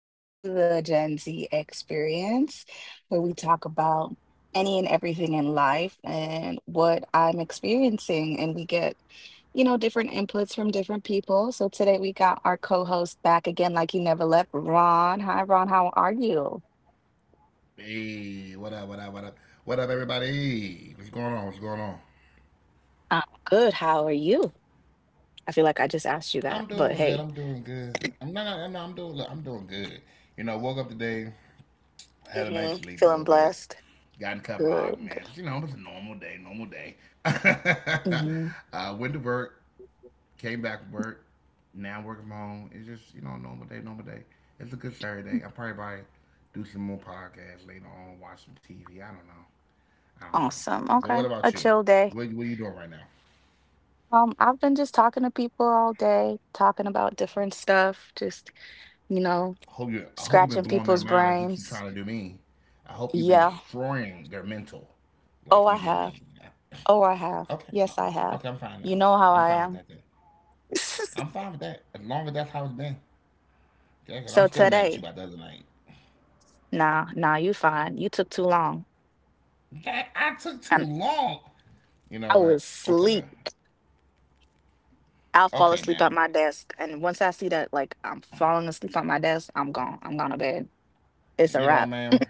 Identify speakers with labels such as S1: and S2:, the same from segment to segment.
S1: back to the Gen Z Experience, where we talk about any and everything in life and what I'm experiencing. And we get, different inputs from different people. So today we got our co host back again, like he never left, Ron. Hi, Ron. How are you?
S2: Hey, what up, what up, what up? What up, everybody? What's going on? What's going on?
S1: I'm good. How are you? I feel like I just asked you that,
S2: I'm
S1: but
S2: doing good.
S1: hey.
S2: I'm doing good. I'm not, I'm not, I'm doing, look, I'm doing good. You know, woke up today, had a
S1: Hmm
S2: night's sleep a
S1: Feeling
S2: little bit,
S1: blessed.
S2: got a couple of
S1: Good.
S2: arguments. You know, it was a normal day, normal day.
S1: Hmm
S2: Went to work, came back from work, now working from home. It's just, you know, normal day, normal day. It's a good Saturday. I'll probably do some more podcasts later on, watch some TV. I don't know. I don't know.
S1: Awesome.
S2: But
S1: Okay.
S2: what
S1: A
S2: about you?
S1: chill day.
S2: What are you doing right now?
S1: I've been just talking to people all day, talking about different stuff, just, you know,
S2: I hope you've been
S1: scratching
S2: blowing their
S1: people's
S2: mind like you keep
S1: brains.
S2: trying to do me. I hope you've been
S1: Yeah.
S2: destroying their mental
S1: Oh,
S2: like
S1: I
S2: you did
S1: have.
S2: me.
S1: Oh, I have.
S2: Okay.
S1: Yes, I have.
S2: Okay, I'm fine
S1: You
S2: now.
S1: know how
S2: I'm
S1: I
S2: fine with
S1: am.
S2: that then. I'm fine with that. As long as that's how it's been. Okay, 'cause I'm
S1: So
S2: still mad at you
S1: today,
S2: about the other night.
S1: nah, you fine. You took too long.
S2: That I took too
S1: And
S2: long. You know
S1: I
S2: what?
S1: was
S2: Okay, man.
S1: asleep. I'll fall
S2: Okay,
S1: asleep
S2: man.
S1: at my desk. And once I see that, like, I'm falling asleep at my desk, I'm gone. I'm gone to bed. It's a
S2: You know what,
S1: wrap.
S2: man?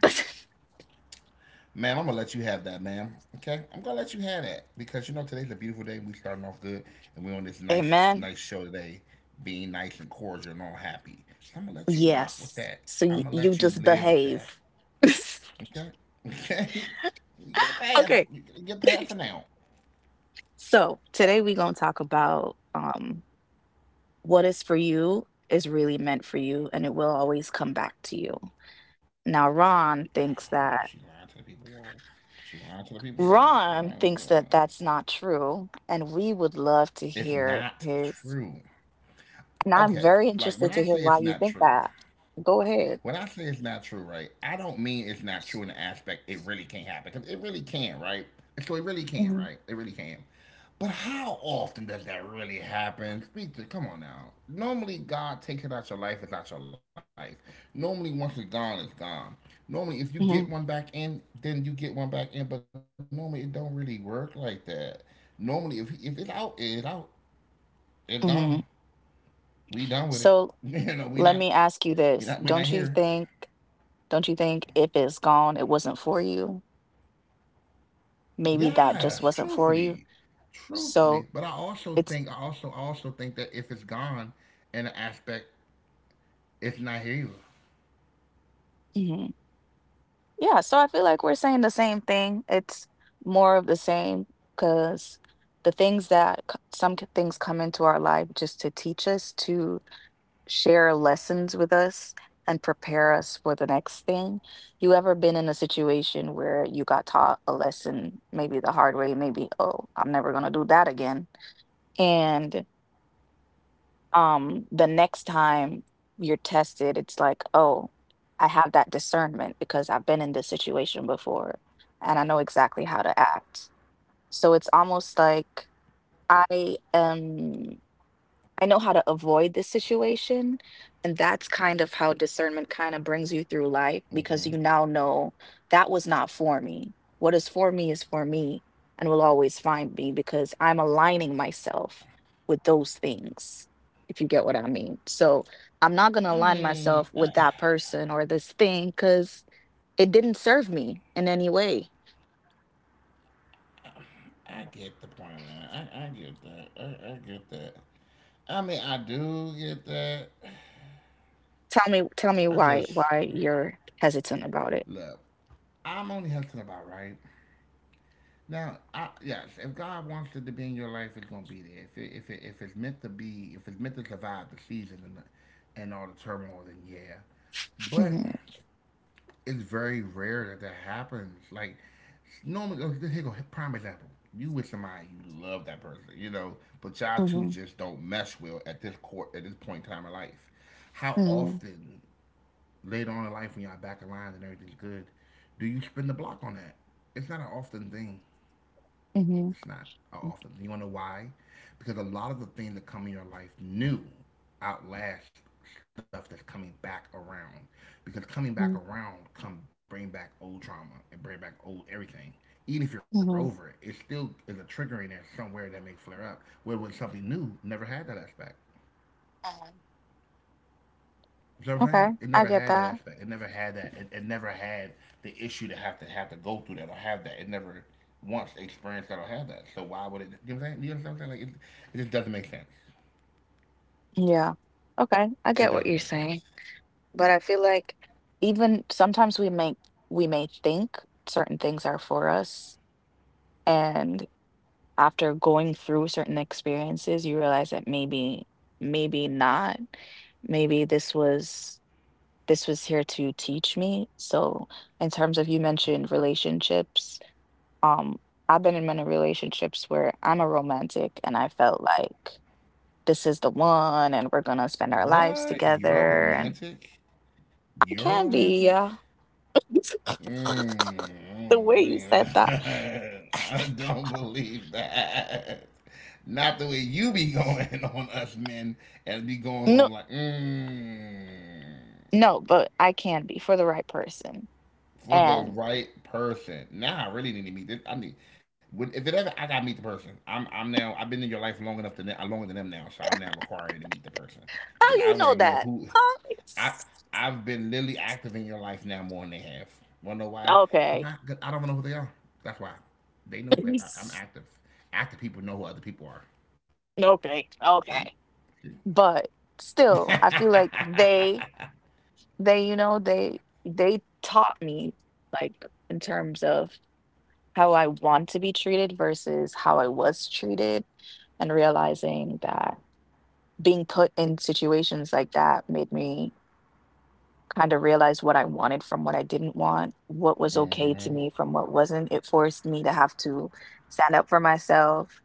S2: Ma'am, I'm gonna let you have that, ma'am. Okay, I'm gonna let you have that because you know today's a beautiful day. We starting off good, and we're on this nice,
S1: Amen.
S2: nice show today, being nice and cordial and all happy. So I'm gonna let you rock with
S1: Yes.
S2: that.
S1: So
S2: I'm gonna
S1: you
S2: let you
S1: just
S2: live with that.
S1: behave.
S2: Okay, okay. You get a pass.
S1: okay.
S2: Get a pass for now.
S1: So today we're going to talk about what is for you is really meant for you and it will always come back to you. Now,
S2: Oh, Lord,
S1: Ron
S2: she
S1: thinks
S2: lying to the people,
S1: that.
S2: y'all. She lying to the people, y'all. She lying. To the people,
S1: Ron
S2: y'all.
S1: thinks that that's not true, and we would
S2: It's
S1: love to
S2: not
S1: hear
S2: true.
S1: his.
S2: Okay,
S1: And I'm
S2: like
S1: very
S2: when I say
S1: interested to
S2: it's
S1: hear
S2: not
S1: why you
S2: true.
S1: think that. Go
S2: When I
S1: ahead.
S2: say it's not true, right, I don't mean it's not true in the aspect it really can't happen because it really can, right? So it really can,
S1: Hmm
S2: right? It really can. But how often does that really happen? Speak to, come on now. Normally, God takes it out your life, it's out your life. Normally, once it's gone, it's gone. Normally, if you get one
S1: hmm
S2: back in, then you get one back in. But normally, it don't really work like that. Normally, if it's out, it's out. It's gone.
S1: hmm
S2: We done with it.
S1: So
S2: You know,
S1: let me
S2: we
S1: ask
S2: not
S1: you
S2: here.
S1: this: Don't you think? Don't you think if it's gone, it wasn't for you? Maybe
S2: Yes,
S1: that just wasn't for you.
S2: truthfully. But I
S1: So
S2: also think,
S1: it's,
S2: I also think that if it's gone, in an aspect, it's not here either.
S1: mhm, yeah. So I feel like we're saying the same thing. It's more of the same because the things that things come into our life just to teach us, to share lessons with us and prepare us for the next thing. You ever been in a situation where you got taught a lesson, maybe the hard way, maybe, oh, I'm never going to do that again? And the next time you're tested, it's like, oh, I have that discernment because I've been in this situation before and I know exactly how to act. So it's almost like i am I know how to avoid this situation. And that's kind of how discernment kind of brings you through life because you now know that was not for me. What is for me and will always find me because I'm aligning myself with those things, if you get what I mean. So I'm not
S2: I
S1: going to align
S2: mean,
S1: myself
S2: I,
S1: with that person or this thing because it didn't serve me in any way.
S2: I get the point. Of that. I get that. I get that. I mean, I do get that.
S1: Tell
S2: I
S1: me
S2: just
S1: why you're hesitant about it.
S2: look. I'm only hesitant about right. Now, I, yes, if God wants it to be in your life, it's gonna be there. If it's meant to be, if it's meant to survive the season and all the turmoil, then yeah. But
S1: Hmm
S2: it's very rare that that happens. Like normally, oh, here go prime example. You with somebody you love that person, you know, but y'all two
S1: hmm
S2: just don't mesh well at this point in time in life. How often later on in life when y'all back in line and everything's good, do you spin the block on that? It's not an often thing.
S1: hmm
S2: It's not often. You want to know why? Because a lot of the things that come in your life new outlast stuff that's coming back around. Because coming back
S1: hmm
S2: around come bring back old trauma and bring back old everything. Even if you're over it, it
S1: hmm
S2: still is a trigger in there somewhere that may flare up. Where with something new, never had that aspect. You know what I'm saying? It
S1: Okay,
S2: never
S1: I
S2: had
S1: get
S2: that
S1: that.
S2: aspect. It never had that. It never had the issue to have to go through that or have that. It never once experienced that or had that. So why would it? You know what I'm saying? You know what I'm saying? It just doesn't make sense.
S1: Yeah. Okay, I
S2: It
S1: get
S2: doesn't
S1: what you're
S2: make sense.
S1: saying. But I feel like even sometimes we make we may think certain things are for us, and after going through certain experiences, you realize that maybe maybe not. Maybe this was here to teach me. So, in terms of you mentioned relationships, um, I've been in many relationships where I'm a romantic and I felt like this is the one and we're gonna spend our
S2: What?
S1: lives
S2: You're
S1: together and
S2: romantic? You're
S1: I can
S2: romantic?
S1: be, yeah. the
S2: Mm, I don't
S1: way you said
S2: believe
S1: that,
S2: that. I don't believe that. Not the way you be going on us men and be going
S1: no,
S2: on like, mm.
S1: no, but I can be for the right person.
S2: For the
S1: And
S2: right person. Now I really need to meet this. If it ever I gotta meet the person. I'm now I've been in your life long enough to longer than them now, so I'm now requiring to meet the person because
S1: how
S2: I
S1: you
S2: want to
S1: know
S2: know
S1: that,
S2: who
S1: huh?
S2: I I've been literally active in your life now more than they have. Wanna know why?
S1: Okay.
S2: 'Cause I don't know who they are. That's why they know. But I'm active. Active people know who other people are.
S1: okay,
S2: See.
S1: okay, but still I feel like they you know they taught me, like, in terms of how I want to be treated versus how I was treated, and realizing that being put in situations like that made me kind of realize what I wanted from what I didn't want, what was
S2: See?
S1: okay to me from what wasn't. It forced me to have to stand up for myself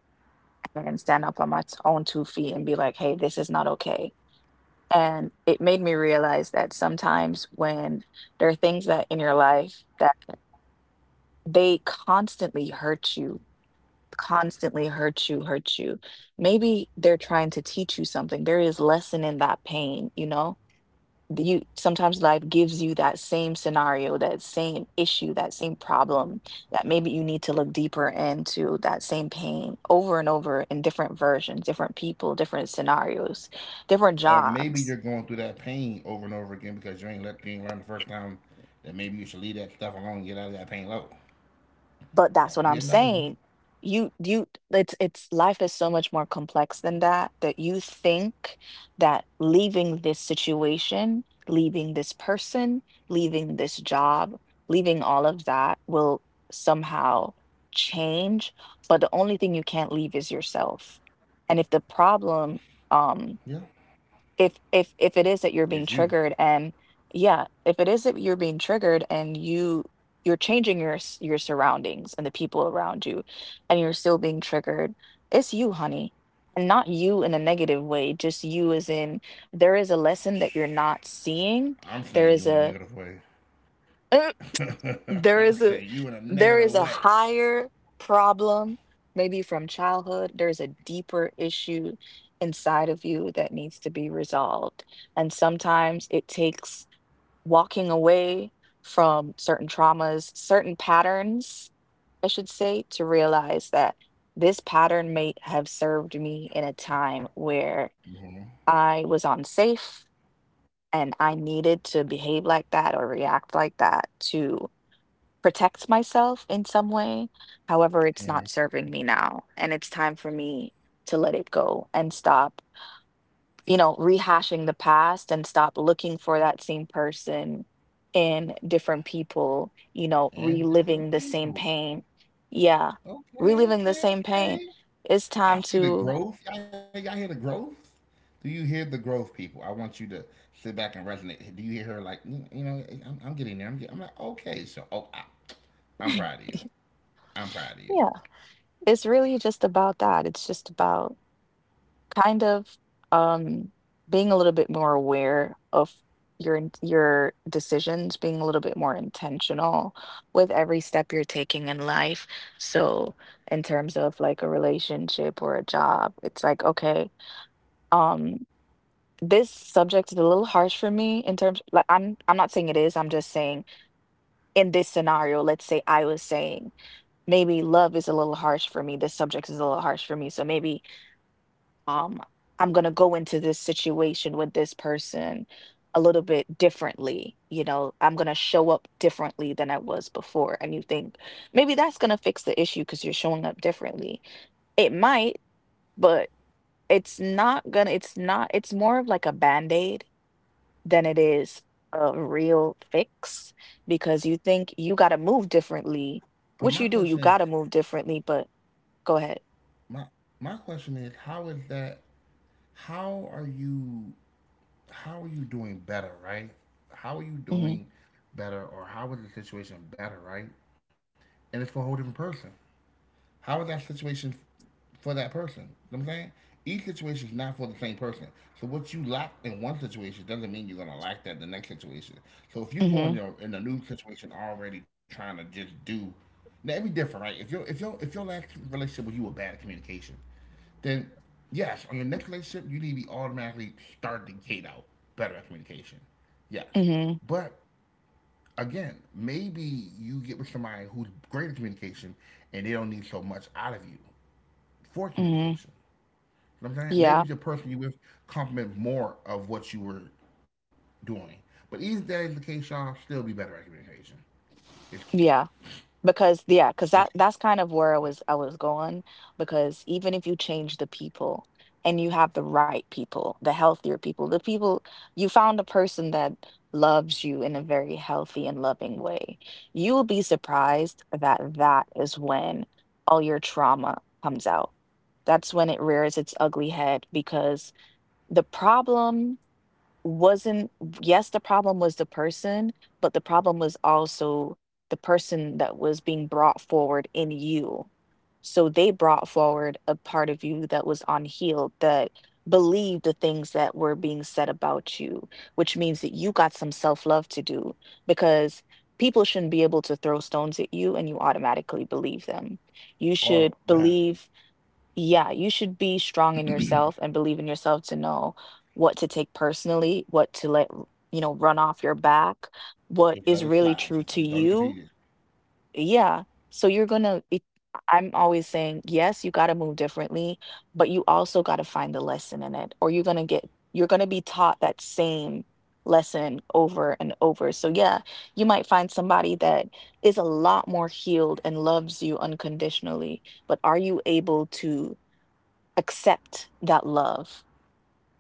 S1: and stand up on my own two feet and be like, hey, this is not okay. And it made me realize that sometimes when there are things that in your life that they constantly hurt you, constantly hurt you, hurt you. Maybe they're trying to teach you something. There is lesson in that pain, you know? You sometimes life gives you that same scenario, that same issue, that same problem that maybe you need to look deeper into that same pain over and over in different versions, different people, different scenarios, different
S2: Or maybe you're
S1: jobs.
S2: going through that pain over and over again because you ain't learn the first time that maybe you should leave that stuff alone and get out of that pain level.
S1: But that's
S2: That
S1: what
S2: could
S1: I'm
S2: be another
S1: saying.
S2: one.
S1: You it's life is so much more complex than that that you think that leaving this situation, leaving this person, leaving this job, leaving all of that will somehow change, but the only thing you can't leave is yourself. And if the problem
S2: Yeah,
S1: um
S2: it's
S1: if it
S2: you.
S1: is that you're being triggered and yeah, if it is that you're being triggered and you're changing your surroundings and the people around you and you're still being triggered, it's you, honey, and not you in a negative way, just you as in there is a lesson that you're not
S2: I'm
S1: seeing.
S2: saying you in
S1: There
S2: a
S1: is
S2: negative
S1: a
S2: way. I'm
S1: There is
S2: saying
S1: a
S2: you in a negative way.
S1: higher problem, maybe from childhood. There's a deeper issue inside of you that needs to be resolved. And sometimes it takes walking away from certain traumas, certain patterns, I should say, to realize that this pattern may have served me in a time where I was unsafe and I needed to behave like that or react like that to protect myself in some way. However, it's
S2: Mhm.
S1: not serving me now, and it's time for me to let it go and stop, you know, rehashing the past and stop looking for that same person in different people, you know,
S2: And
S1: reliving the
S2: different
S1: same
S2: people.
S1: pain. Yeah, reliving
S2: Okay,
S1: the same
S2: okay,
S1: pain.
S2: okay.
S1: It's time
S2: I see
S1: to,
S2: the growth. Y'all hear the growth? Do you hear the growth, people? I want you to sit back and resonate. Do you hear her like, you know, I'm getting there. I'm like, okay, so oh, I, I'm proud of you. I'm proud of
S1: yeah,
S2: you.
S1: it's really just about that. It's just about kind of um being a little bit more aware of your decisions, being a little bit more intentional with every step you're taking in life. So in terms of like a relationship or a job, it's like, okay, um this subject is a little harsh for me in terms, like, I'm not saying it is, I'm just saying in this scenario, let's say I was saying maybe love is a little harsh for me, this subject is a little harsh for me, so maybe, um, I'm going to go into this situation with this person a little bit differently. You know, I'm going to show up differently than I was before. And you think maybe that's going to fix the issue because you're showing up differently. It might, but it's not, it's more of like a band aid than it is a real fix because you think you got to move differently, which you
S2: But
S1: do,
S2: my
S1: you got to
S2: question is,
S1: move differently, but go ahead.
S2: my my question is, how is that? How are you? How are you doing better, right? How are you
S1: Mm-hmm,
S2: doing better, or how is the situation better, right? And it's for a whole different person. How is that situation for that person? You know what I'm saying? Each situation is not for the same person. So what you lack in one situation doesn't mean you're gonna lack that in the next situation. So if you go in
S1: mm-hmm,
S2: your in a new situation already trying to just do now it'd be different, right? If your if your if your last relationship with you were bad at communication, then yes, on your next relationship, you need to be automatically start the gate out better at communication. Yes.
S1: mm-hmm,
S2: But again, maybe you get with somebody who's great at communication and they don't need so much out of you for
S1: mm-hmm.
S2: communication. You know what I'm saying?
S1: Yeah,
S2: Maybe the person you with compliment more of what you were doing. But even if that is the case, y'all still be better at communication. It's key.
S1: yeah. Because yeah,
S2: It's
S1: because
S2: key.
S1: that that's kind of where I was going. Because even if you change the people and you have the right people, the healthier people, the people you found a person that loves you in a very healthy and loving way, you will be surprised that that is when all your trauma comes out. That's when it rears its ugly head because the problem wasn't, yes, the problem was the person, but the problem was also the person that was being brought forward in you. So they brought forward a part of you that was unhealed, that believed the things that were being said about you, which means that you got some self-love to do because people shouldn't be able to throw stones at you and you automatically believe them. You should
S2: All the
S1: believe,
S2: handling.
S1: yeah, you should be strong in yourself and believe in yourself to know what to take personally, what to let, you know, run off your back,
S2: Just let
S1: what
S2: it
S1: is
S2: slide.
S1: really
S2: Just
S1: true
S2: don't
S1: to
S2: even read it.
S1: you. Yeah. So you're gonna, I'm always saying, yes, you gotta move differently, but you also gotta find the lesson in it, or you're gonna be taught that same lesson over and over. So yeah, you might find somebody that is a lot more healed and loves you unconditionally, but are you able to accept that love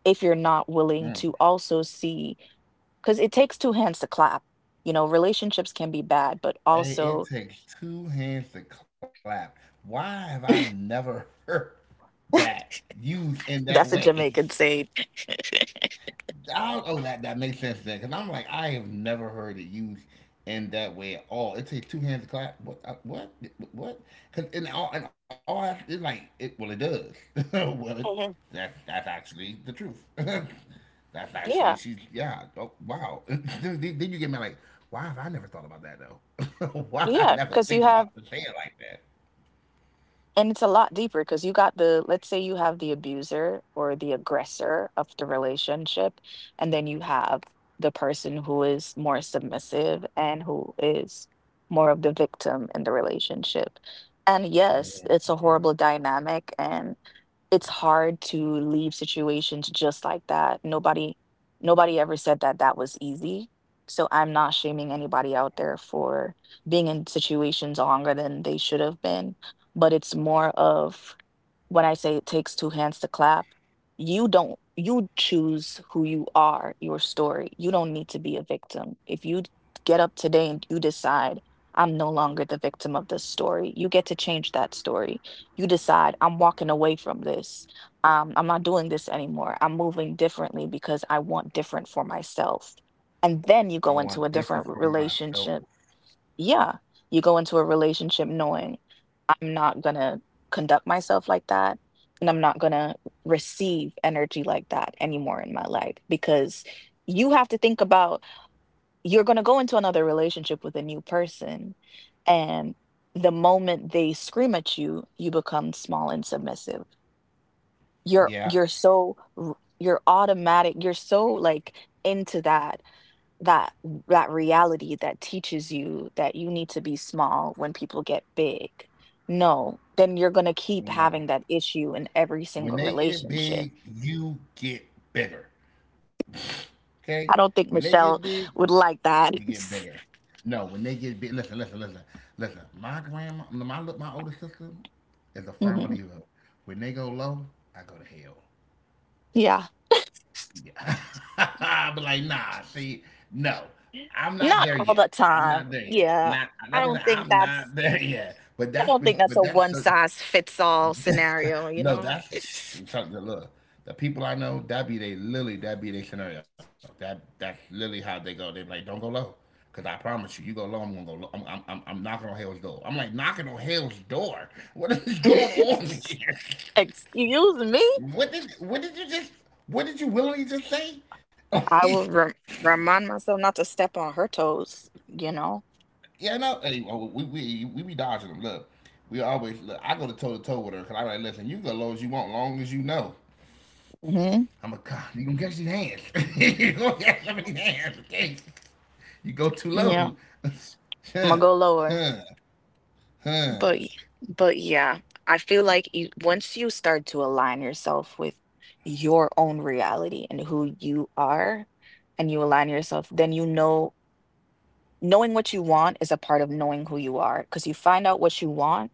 S1: if you're not willing
S2: Mm.
S1: to also see, because it takes two hands to clap. You know, relationships can be bad, but
S2: Hey,
S1: also
S2: it takes two hands to clap. Why have I never heard that used in that
S1: that's a
S2: way?
S1: Jamaican saying.
S2: I, oh, that that makes sense then, because I'm like, I have never heard it used in that way at all. It takes two hands to clap. What? What? What? In all, it's like it. Well, it does. well, it, that that's actually the truth. that's actually she's yeah. Oh wow. Then you get me like, why have I never thought about that though? why did I
S1: yeah,
S2: never
S1: because you
S2: think
S1: have,
S2: about to say it like that?
S1: and it's a lot deeper because you got the, let's say you have the abuser or the aggressor of the relationship, and then you have the person who is more submissive and who is more of the victim in the relationship. And yes, it's a horrible dynamic and it's hard to leave situations just like that. Nobody ever said that that was easy. So I'm not shaming anybody out there for being in situations longer than they should have been, but it's more of, when I say it takes two hands to clap, you don't you choose who you are, your story. You don't need to be a victim. If you d- Get up today and you decide, I'm no longer the victim of this story. You get to change that story. You decide, I'm walking away from this. I'm not doing this anymore. I'm moving differently because I want different for myself. And then you
S2: I
S1: go
S2: want
S1: into a
S2: different
S1: different
S2: for myself.
S1: relationship, yeah, you go into a relationship knowing I'm not gonna conduct myself like that, and I'm not gonna receive energy like that anymore in my life, because you have to think about, you're gonna go into another relationship with a new person, and the moment they scream at you, you become small and submissive. You're
S2: Yeah.
S1: you're you're automatic, you're so like into that that reality that teaches you that you need to be small when people get big. No, then you're going to keep
S2: No.
S1: having that issue in every
S2: When
S1: single
S2: they get
S1: relationship.
S2: big, you get bigger. Okay?
S1: I don't
S2: When they
S1: think
S2: get
S1: Michelle
S2: big,
S1: would like
S2: you
S1: that.
S2: get bigger. No, when they get big, listen. My my older sister, is a firm
S1: Mhm.
S2: believer. When they go low, I go to hell.
S1: Yeah.
S2: Yeah, I'll be like, nah. See, no, I'm not
S1: Not
S2: there
S1: all
S2: yet.
S1: the
S2: I'm
S1: time.
S2: not there yet.
S1: Yeah.
S2: Not,
S1: I
S2: that's what I'm
S1: don't
S2: saying,
S1: think
S2: I'm
S1: that's
S2: not there yet.
S1: I don't think that's
S2: But
S1: a
S2: that's
S1: one size fits all scenario, you
S2: No,
S1: know.
S2: that's I look. The people I know, that be they literally that be their scenario. That that's literally how they go. They be like, don't go low, cause I promise you, you go low, I'm gonna go low. I'm knocking on hell's door. I'm like knocking on hell's door. What is going on here?
S1: Excuse me?
S2: What did you just what did you willingly just say?
S1: I will remind myself not to step on her toes.
S2: yeah, no. Hey, oh, we we be dodging them. Look, we always look. I go to toe with her, cause I'm like, listen, you go low as you want, long as you know.
S1: Mm-hmm.
S2: I'm like, God, you gonna catch these hands. you gonna catch some of these hands, okay? You go too
S1: Yeah,
S2: low.
S1: I'm gonna
S2: huh,
S1: go lower.
S2: huh,
S1: But y-
S2: huh.
S1: but yeah, I feel like, you, once you start to align yourself with your own reality and who you are, and you align yourself, then knowing what you want is a part of knowing who you are. Because you find out what you want,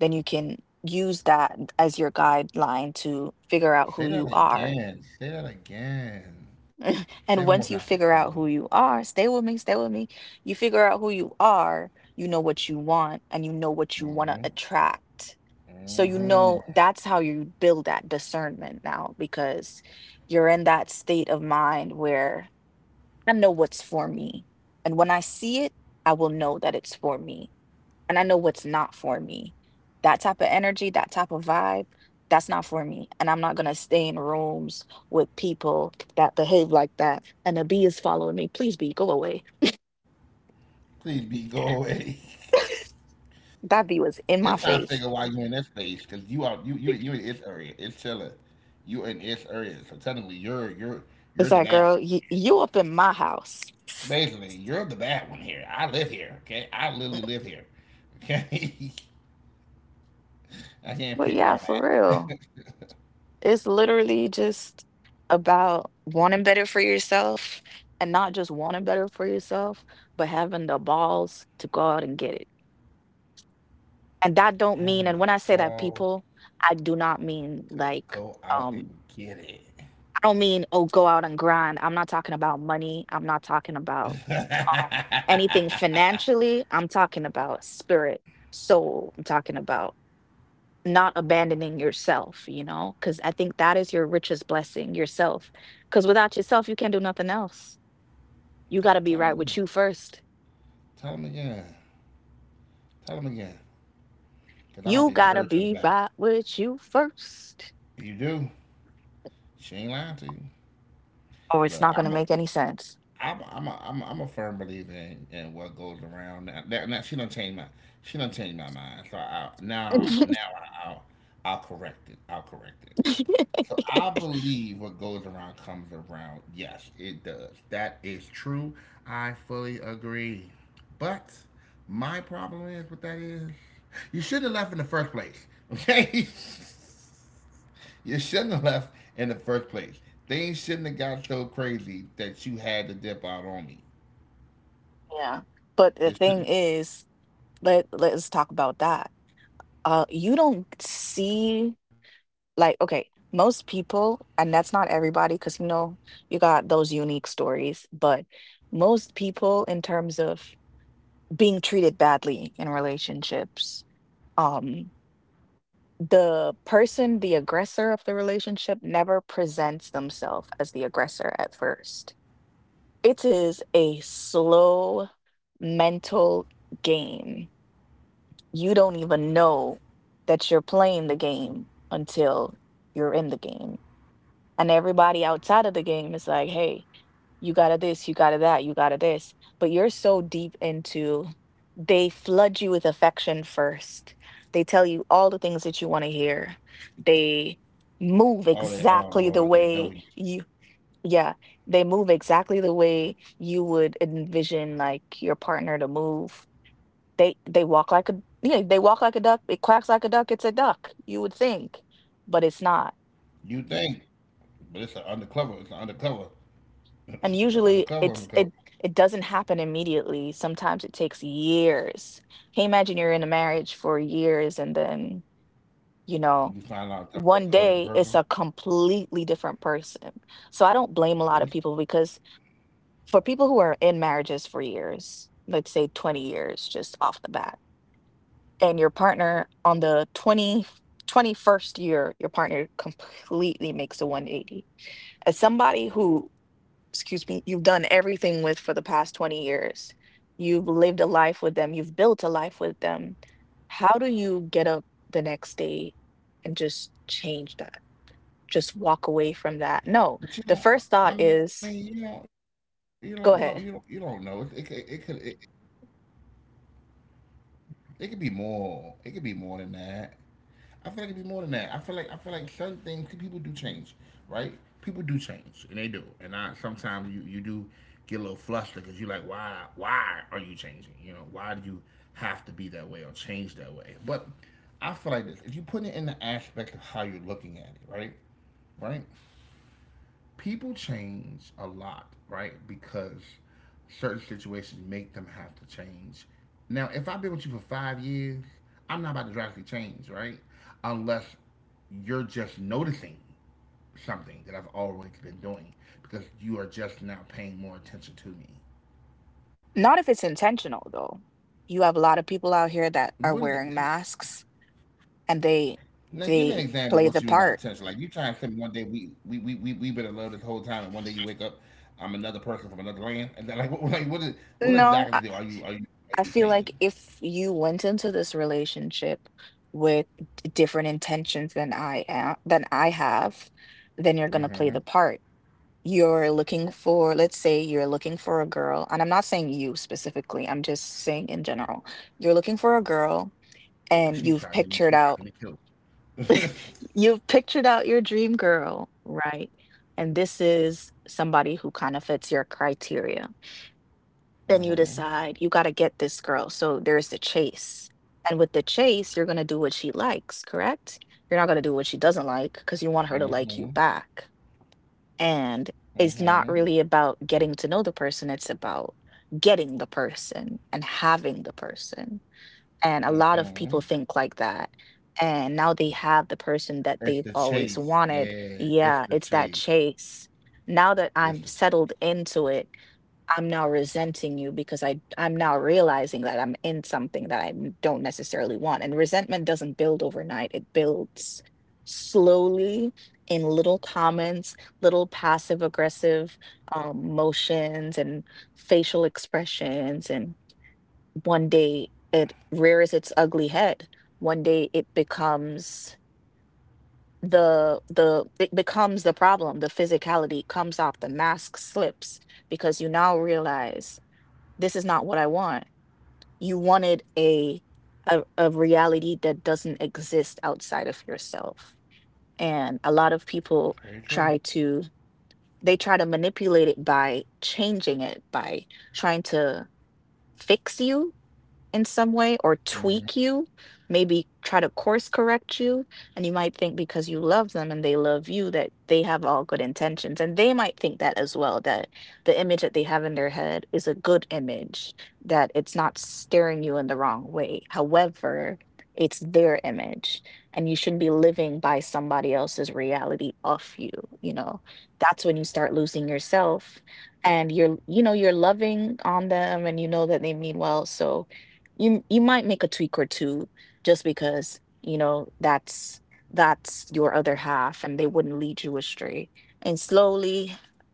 S1: then you can use that as your guideline to figure out who you
S2: Say that
S1: are.
S2: again. Say that again. Say
S1: And
S2: it one more
S1: once you
S2: time for me.
S1: figure
S2: Say it
S1: out
S2: one
S1: who you are, stay with me, stay with me. You figure out who you are, you know what you want, and you know what you want to
S2: more time.
S1: attract. So, you
S2: Mm-hmm.
S1: know,
S2: Mm-hmm.
S1: that's how you build that discernment now, because you're in that state of mind where I know what's for me. And when I see it, I will know that it's for me, and I know what's not for me. That type of energy, that type of vibe, that's not for me. And I'm not going to stay in rooms with people that behave like that. And a bee is following me. Please, bee, go away.
S2: Please be go away.
S1: That bee was in my
S2: It's time to
S1: face.
S2: figure why you're in this space, because you out you you you in this area. It's chilling. You in this area. So technically you're
S1: It's
S2: you're the
S1: like,
S2: bad
S1: girl,
S2: one.
S1: you up in my house.
S2: Basically, you're the bad one here. I live here, okay? I literally live here, okay? I can't
S1: But
S2: pick where
S1: yeah, for
S2: I'm
S1: real.
S2: at.
S1: It's literally just about wanting better for yourself, and not just wanting better for yourself, but having the balls to go out and get it. And that don't
S2: Having
S1: mean,
S2: the
S1: and when I say that,
S2: balls
S1: people, I do not mean
S2: to
S1: like,
S2: go out and
S1: um,
S2: get it.
S1: I don't mean, oh, go out and grind. I'm not talking about money. I'm not talking about um anything financially. I'm talking about spirit, soul. I'm talking about not abandoning yourself, because I think that is your richest blessing, yourself. Because without yourself, you can't do nothing else. You
S2: T-
S1: gotta be
S2: tell them
S1: right
S2: again.
S1: with you first.
S2: Tell them again. Tell them again. Because I don't
S1: You
S2: think they
S1: gotta
S2: heard you in
S1: be
S2: the back.
S1: right with you first,
S2: If you do, she ain't lying to you.
S1: or it's
S2: Look,
S1: not gonna make any sense.
S2: I'm a firm believer in what goes around. Now she don't change my she don't change my mind. So I, now now I'll I'll correct it. I'll correct it. So I believe what goes around comes around. Yes, it does. That is true. I fully agree. But my problem is what that is. You shouldn't have left in the first place. Okay? You shouldn't have left in the first place. Things shouldn't have got so crazy that you had to dip out on me.
S1: Yeah. But the
S2: It
S1: thing
S2: shouldn't.
S1: is, let's talk about that. You don't see, like, okay, most people, and that's not everybody, because you got those unique stories, but most people, in terms of being treated badly in relationships, um, the person, the aggressor of the relationship, never presents themselves as the aggressor at first. It is a slow mental game. You don't even know that you're playing the game until you're in the game. And everybody outside of the game is like, hey, you got to this, you got to that, you got to this. But you're so deep into, they flood you with affection first. They tell you all the things that you want to hear. They
S2: Oh, they, oh
S1: move
S2: Lord, they
S1: exactly
S2: know
S1: the
S2: you.
S1: way you. Yeah, they move exactly the way you would envision, like, your partner to move. They walk like a, yeah, they walk like a duck, it quacks like a duck, it's a duck, you would think, but it's not.
S2: You think, but it's an undercover. It's an undercover. It's an
S1: And
S2: undercover
S1: usually
S2: undercover.
S1: it doesn't happen immediately. Sometimes it takes years. Can you imagine, you're in a marriage for years, and then, you
S2: You
S1: know,
S2: find out that person
S1: one
S2: older than
S1: day
S2: person.
S1: it's a completely different person. So I don't blame a lot
S2: But
S1: of people, because for people who are in marriages for years, let's say 20 years just off the bat, and your partner, on the twenty first year, your partner completely makes a 180. As somebody who, excuse me, you've done everything with for the past 20 years, you've lived a life with them, you've built a life with them, how do you get up the next day and just change that? Just walk away from that?
S2: you
S1: No,
S2: don't.
S1: the
S2: I
S1: first
S2: mean,
S1: thought
S2: you don't. You
S1: is,
S2: don't know. You don't. You don't know. It, it, could-
S1: go
S2: it could.
S1: ahead.
S2: It, it could be more. It could be more than that. I feel like it could be more than that. I feel like. I feel like certain things people do change, right? People do change, and they do. And I sometimes you do get a little flustered because you're like, why? Why are you changing? You know, why do you have to be that way or change that way? But I feel like this: if you put it in the aspect of how you're looking at it, right? Right? People change a lot, right? Because certain situations make them have to change. Now, if I've been with you for 5 years, I'm not about to drastically change, right? Unless you're just noticing something that I've always been doing because you are just now paying more attention to me.
S1: Not if it's intentional though. You have a lot of people out here that
S2: What do
S1: are
S2: you?
S1: wearing masks, and they
S2: Now, give me an
S1: they
S2: example of
S1: play
S2: what
S1: the
S2: you mean by
S1: part.
S2: attention. Like, you trying to tell me one day we been in love this whole time, and one day you wake up, I'm another person from another land, and then, like, what, like what is what
S1: No,
S2: exactly
S1: I,
S2: do are you are you are
S1: I
S2: you
S1: feel
S2: saying?
S1: like if you went into this relationship with different intentions than I have, then you're gonna play the
S2: Mm-hmm.
S1: part. You're looking for, let's say you're looking for a girl, and I'm not saying you specifically, I'm just saying in general, you're looking for a girl,
S2: Yeah,
S1: and
S2: cause she
S1: you've
S2: trying to get
S1: pictured
S2: me. She
S1: out,
S2: trying to get me killed.
S1: you've pictured out your dream girl, right? And this is somebody who kind of fits your criteria. Then you
S2: Mm-hmm.
S1: decide you got to get this girl. So there's the chase. And with the chase, you're going to do what she likes, correct? You're not going to do what she doesn't like, because you want her to
S2: Mm-hmm.
S1: like you back. And it's not
S2: Mm-hmm.
S1: really about getting to know the person, it's about getting the person and having the person. And a lot of
S2: Mm-hmm.
S1: people think like that, and now they have the person that
S2: It's
S1: they've
S2: the
S1: always
S2: chase.
S1: wanted.
S2: Yeah, it's
S1: Yeah,
S2: the
S1: it's that
S2: chase.
S1: chase. Now that
S2: It's
S1: I'm
S2: the chase.
S1: settled into it, I'm now resenting you, because I'm now realizing that I'm in something that I don't necessarily want. And resentment doesn't build overnight. It builds slowly, in little comments, little passive aggressive motions and facial expressions. And one day it rears its ugly head. One day it becomes the problem. The physicality comes off. The mask slips, because you now realize this is not what I want. You wanted a reality that doesn't exist outside of yourself. And a lot of
S2: Very
S1: people
S2: true.
S1: try to they try to manipulate it by changing it, by trying to fix you in some way, or
S2: Mm-hmm.
S1: tweak you, maybe try to course correct you. And you might think, because you love them and they love you, that they have all good intentions. And they might think that as well, that the image that they have in their head is a good image, that it's not steering you in the wrong way. However, it's their image, and you shouldn't be living by somebody else's reality of you. You know, that's when you start losing yourself, and you're loving on them, and you know that they mean well. So, you might make a tweak or two, just because you know that's your other half, and they wouldn't lead you astray. And slowly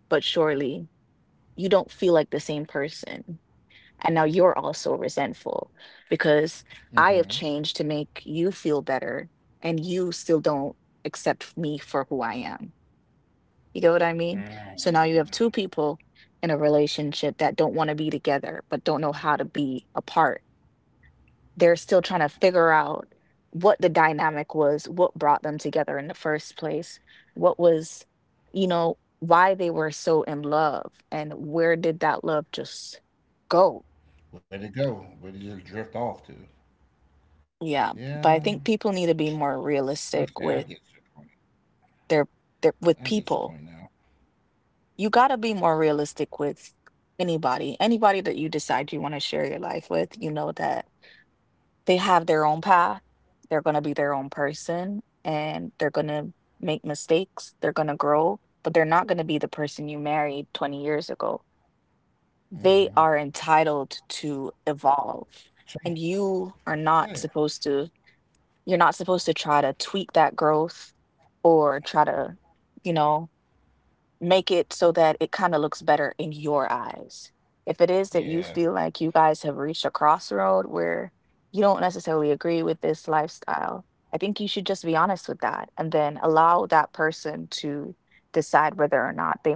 S1: but surely, you don't feel like the same person, and now you're also resentful, because I
S2: Mm-hmm.
S1: have changed to make you feel better, and you still don't accept me for who I am. You get what I mean? So now you have
S2: Mm.
S1: two people in a relationship that don't want to be together, but don't know how to be apart. They're still trying to figure out what the dynamic was, what brought them together in the first place, what was, why they were so in love, and where did that love just go?
S2: Where'd it go? Where'd it just drift off to?
S1: Yeah,
S2: Yeah.
S1: but I think people need to be more
S2: Okay, I get
S1: realistic
S2: your
S1: with
S2: point.
S1: their, their
S2: I
S1: with
S2: get your point
S1: people.
S2: now.
S1: You got to be more realistic with anybody. Anybody that you decide you want to share your life with, you know that they have their own path. They're going to be their own person, and they're going to make mistakes. They're going to grow, but they're not going to be the person you married 20 years ago. They are entitled to evolve. And
S2: Change.
S1: you are
S2: Yeah.
S1: not supposed to, you're not supposed to try to tweak that growth, or try to, you know, make it so that it kind of looks better in your eyes. If it is that you
S2: Yeah.
S1: feel like you guys have reached a crossroad where you don't necessarily agree with this lifestyle, I think you should just be honest with that, and then allow that person to decide whether or not they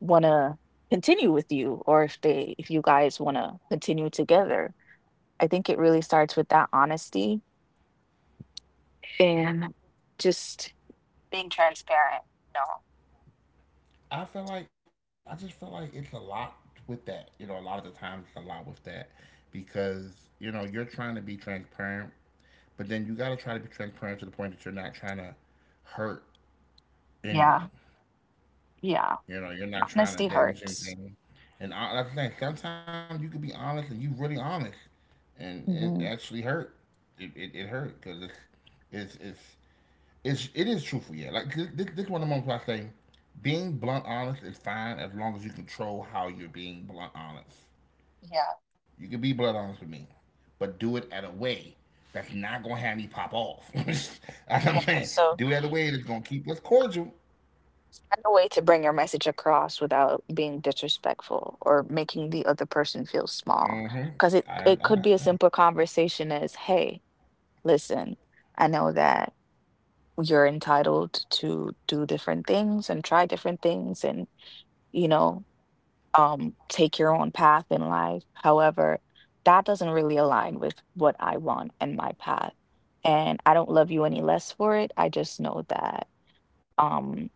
S1: want to continue with you, or if they if you guys want to continue together. I think it really starts with that honesty, and just being transparent. No.
S2: I feel like I just feel like it's a lot with that. You know, a lot of the times it's a lot with that because, you know, you're trying to be transparent, but then you got to try to be transparent to the point that you're not trying to hurt
S1: Yeah.
S2: anyone.
S1: Yeah.
S2: You know, you're
S1: And
S2: not trying
S1: honesty
S2: to damage
S1: hurts.
S2: anything. That's the thing. Sometimes you can be honest and you really honest, and it
S1: Hmm.
S2: actually hurt. It hurt because it's, it's it's it's it is truthful. Yeah, like this one of the moments where I say, being blunt honest is fine as long as you control how you're being blunt honest.
S1: Yeah.
S2: You can be blunt honest with me, but do it at a way that's not gonna have me pop off. That's what
S1: Yeah.
S2: I'm saying.
S1: So
S2: Do it at a way that's gonna keep us cordial.
S1: find a way to bring your message across without being disrespectful or making the other person feel small. Because
S2: Hmm.
S1: it
S2: I,
S1: could be a simple
S2: I,
S1: conversation as, hey, listen, I know that you're entitled to do different things and try different things and, you know, take your own path in life. However, that doesn't really align with what I want and my path. And I don't love you any less for it. I just know that. Um,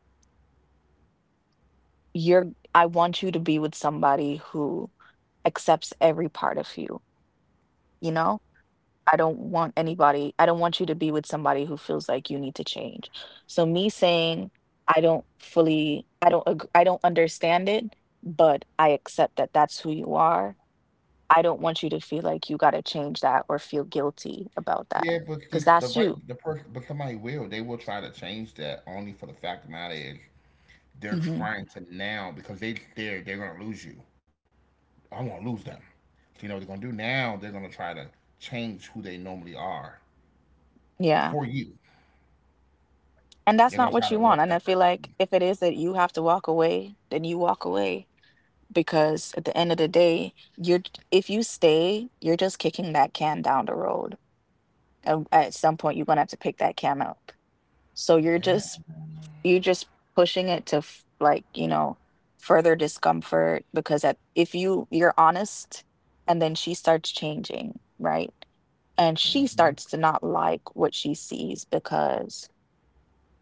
S1: you're I want you to be with somebody who accepts every part of you, you know? I don't want anybody, I don't want you to be with somebody who feels like you need to change. So me saying I don't understand it, but I accept that that's who you are. I don't want you to feel like you got to change that or feel guilty about
S2: yeah,
S1: that
S2: but the,
S1: because
S2: the
S1: that's
S2: right
S1: you.
S2: the person, but somebody will. They will try to change that. Only for the fact of the matter is they're
S1: Hmm.
S2: trying to now because they're gonna lose you. I want to lose them. So you know what they're gonna do now? They're gonna try to change who they normally are
S1: Yeah.
S2: for you.
S1: And
S2: They're
S1: that's
S2: gonna
S1: not
S2: try
S1: what
S2: to
S1: you want.
S2: warp
S1: And I
S2: that
S1: feel
S2: person for you.
S1: like if it is that you have to walk away, then you walk away because at the end of the day, you're if you stay, you're just kicking that can down the road. And at some point, you're gonna have to pick that can up. So you're
S2: Yeah.
S1: just you're just pushing it to further discomfort because at if you you're honest, and then she starts changing, right? And she
S2: Hmm.
S1: starts to not like what she sees because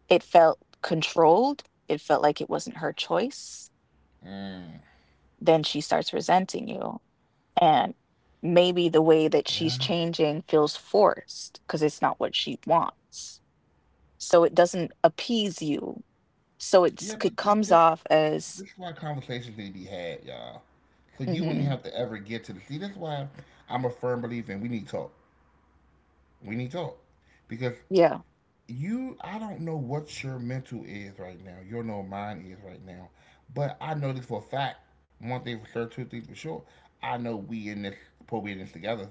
S1: it felt controlled. It felt like it wasn't her choice.
S2: Mm.
S1: Then she starts resenting you. And maybe the way that she's
S2: Yeah.
S1: changing feels forced because it's not what she wants. So it doesn't appease you. So
S2: Yeah,
S1: it
S2: but th-
S1: comes
S2: this
S1: off as,
S2: this is why conversations need to be had, y'all. So you wouldn't
S1: hmm,
S2: have to ever get to the see. That's why I'm a firm believer in we need talk. We need talk because
S1: yeah,
S2: you I don't know what your mental is right now. You don't know what mine is right now. But I know this for a fact. One thing for sure, two things for sure. I know we in this supposed in this together.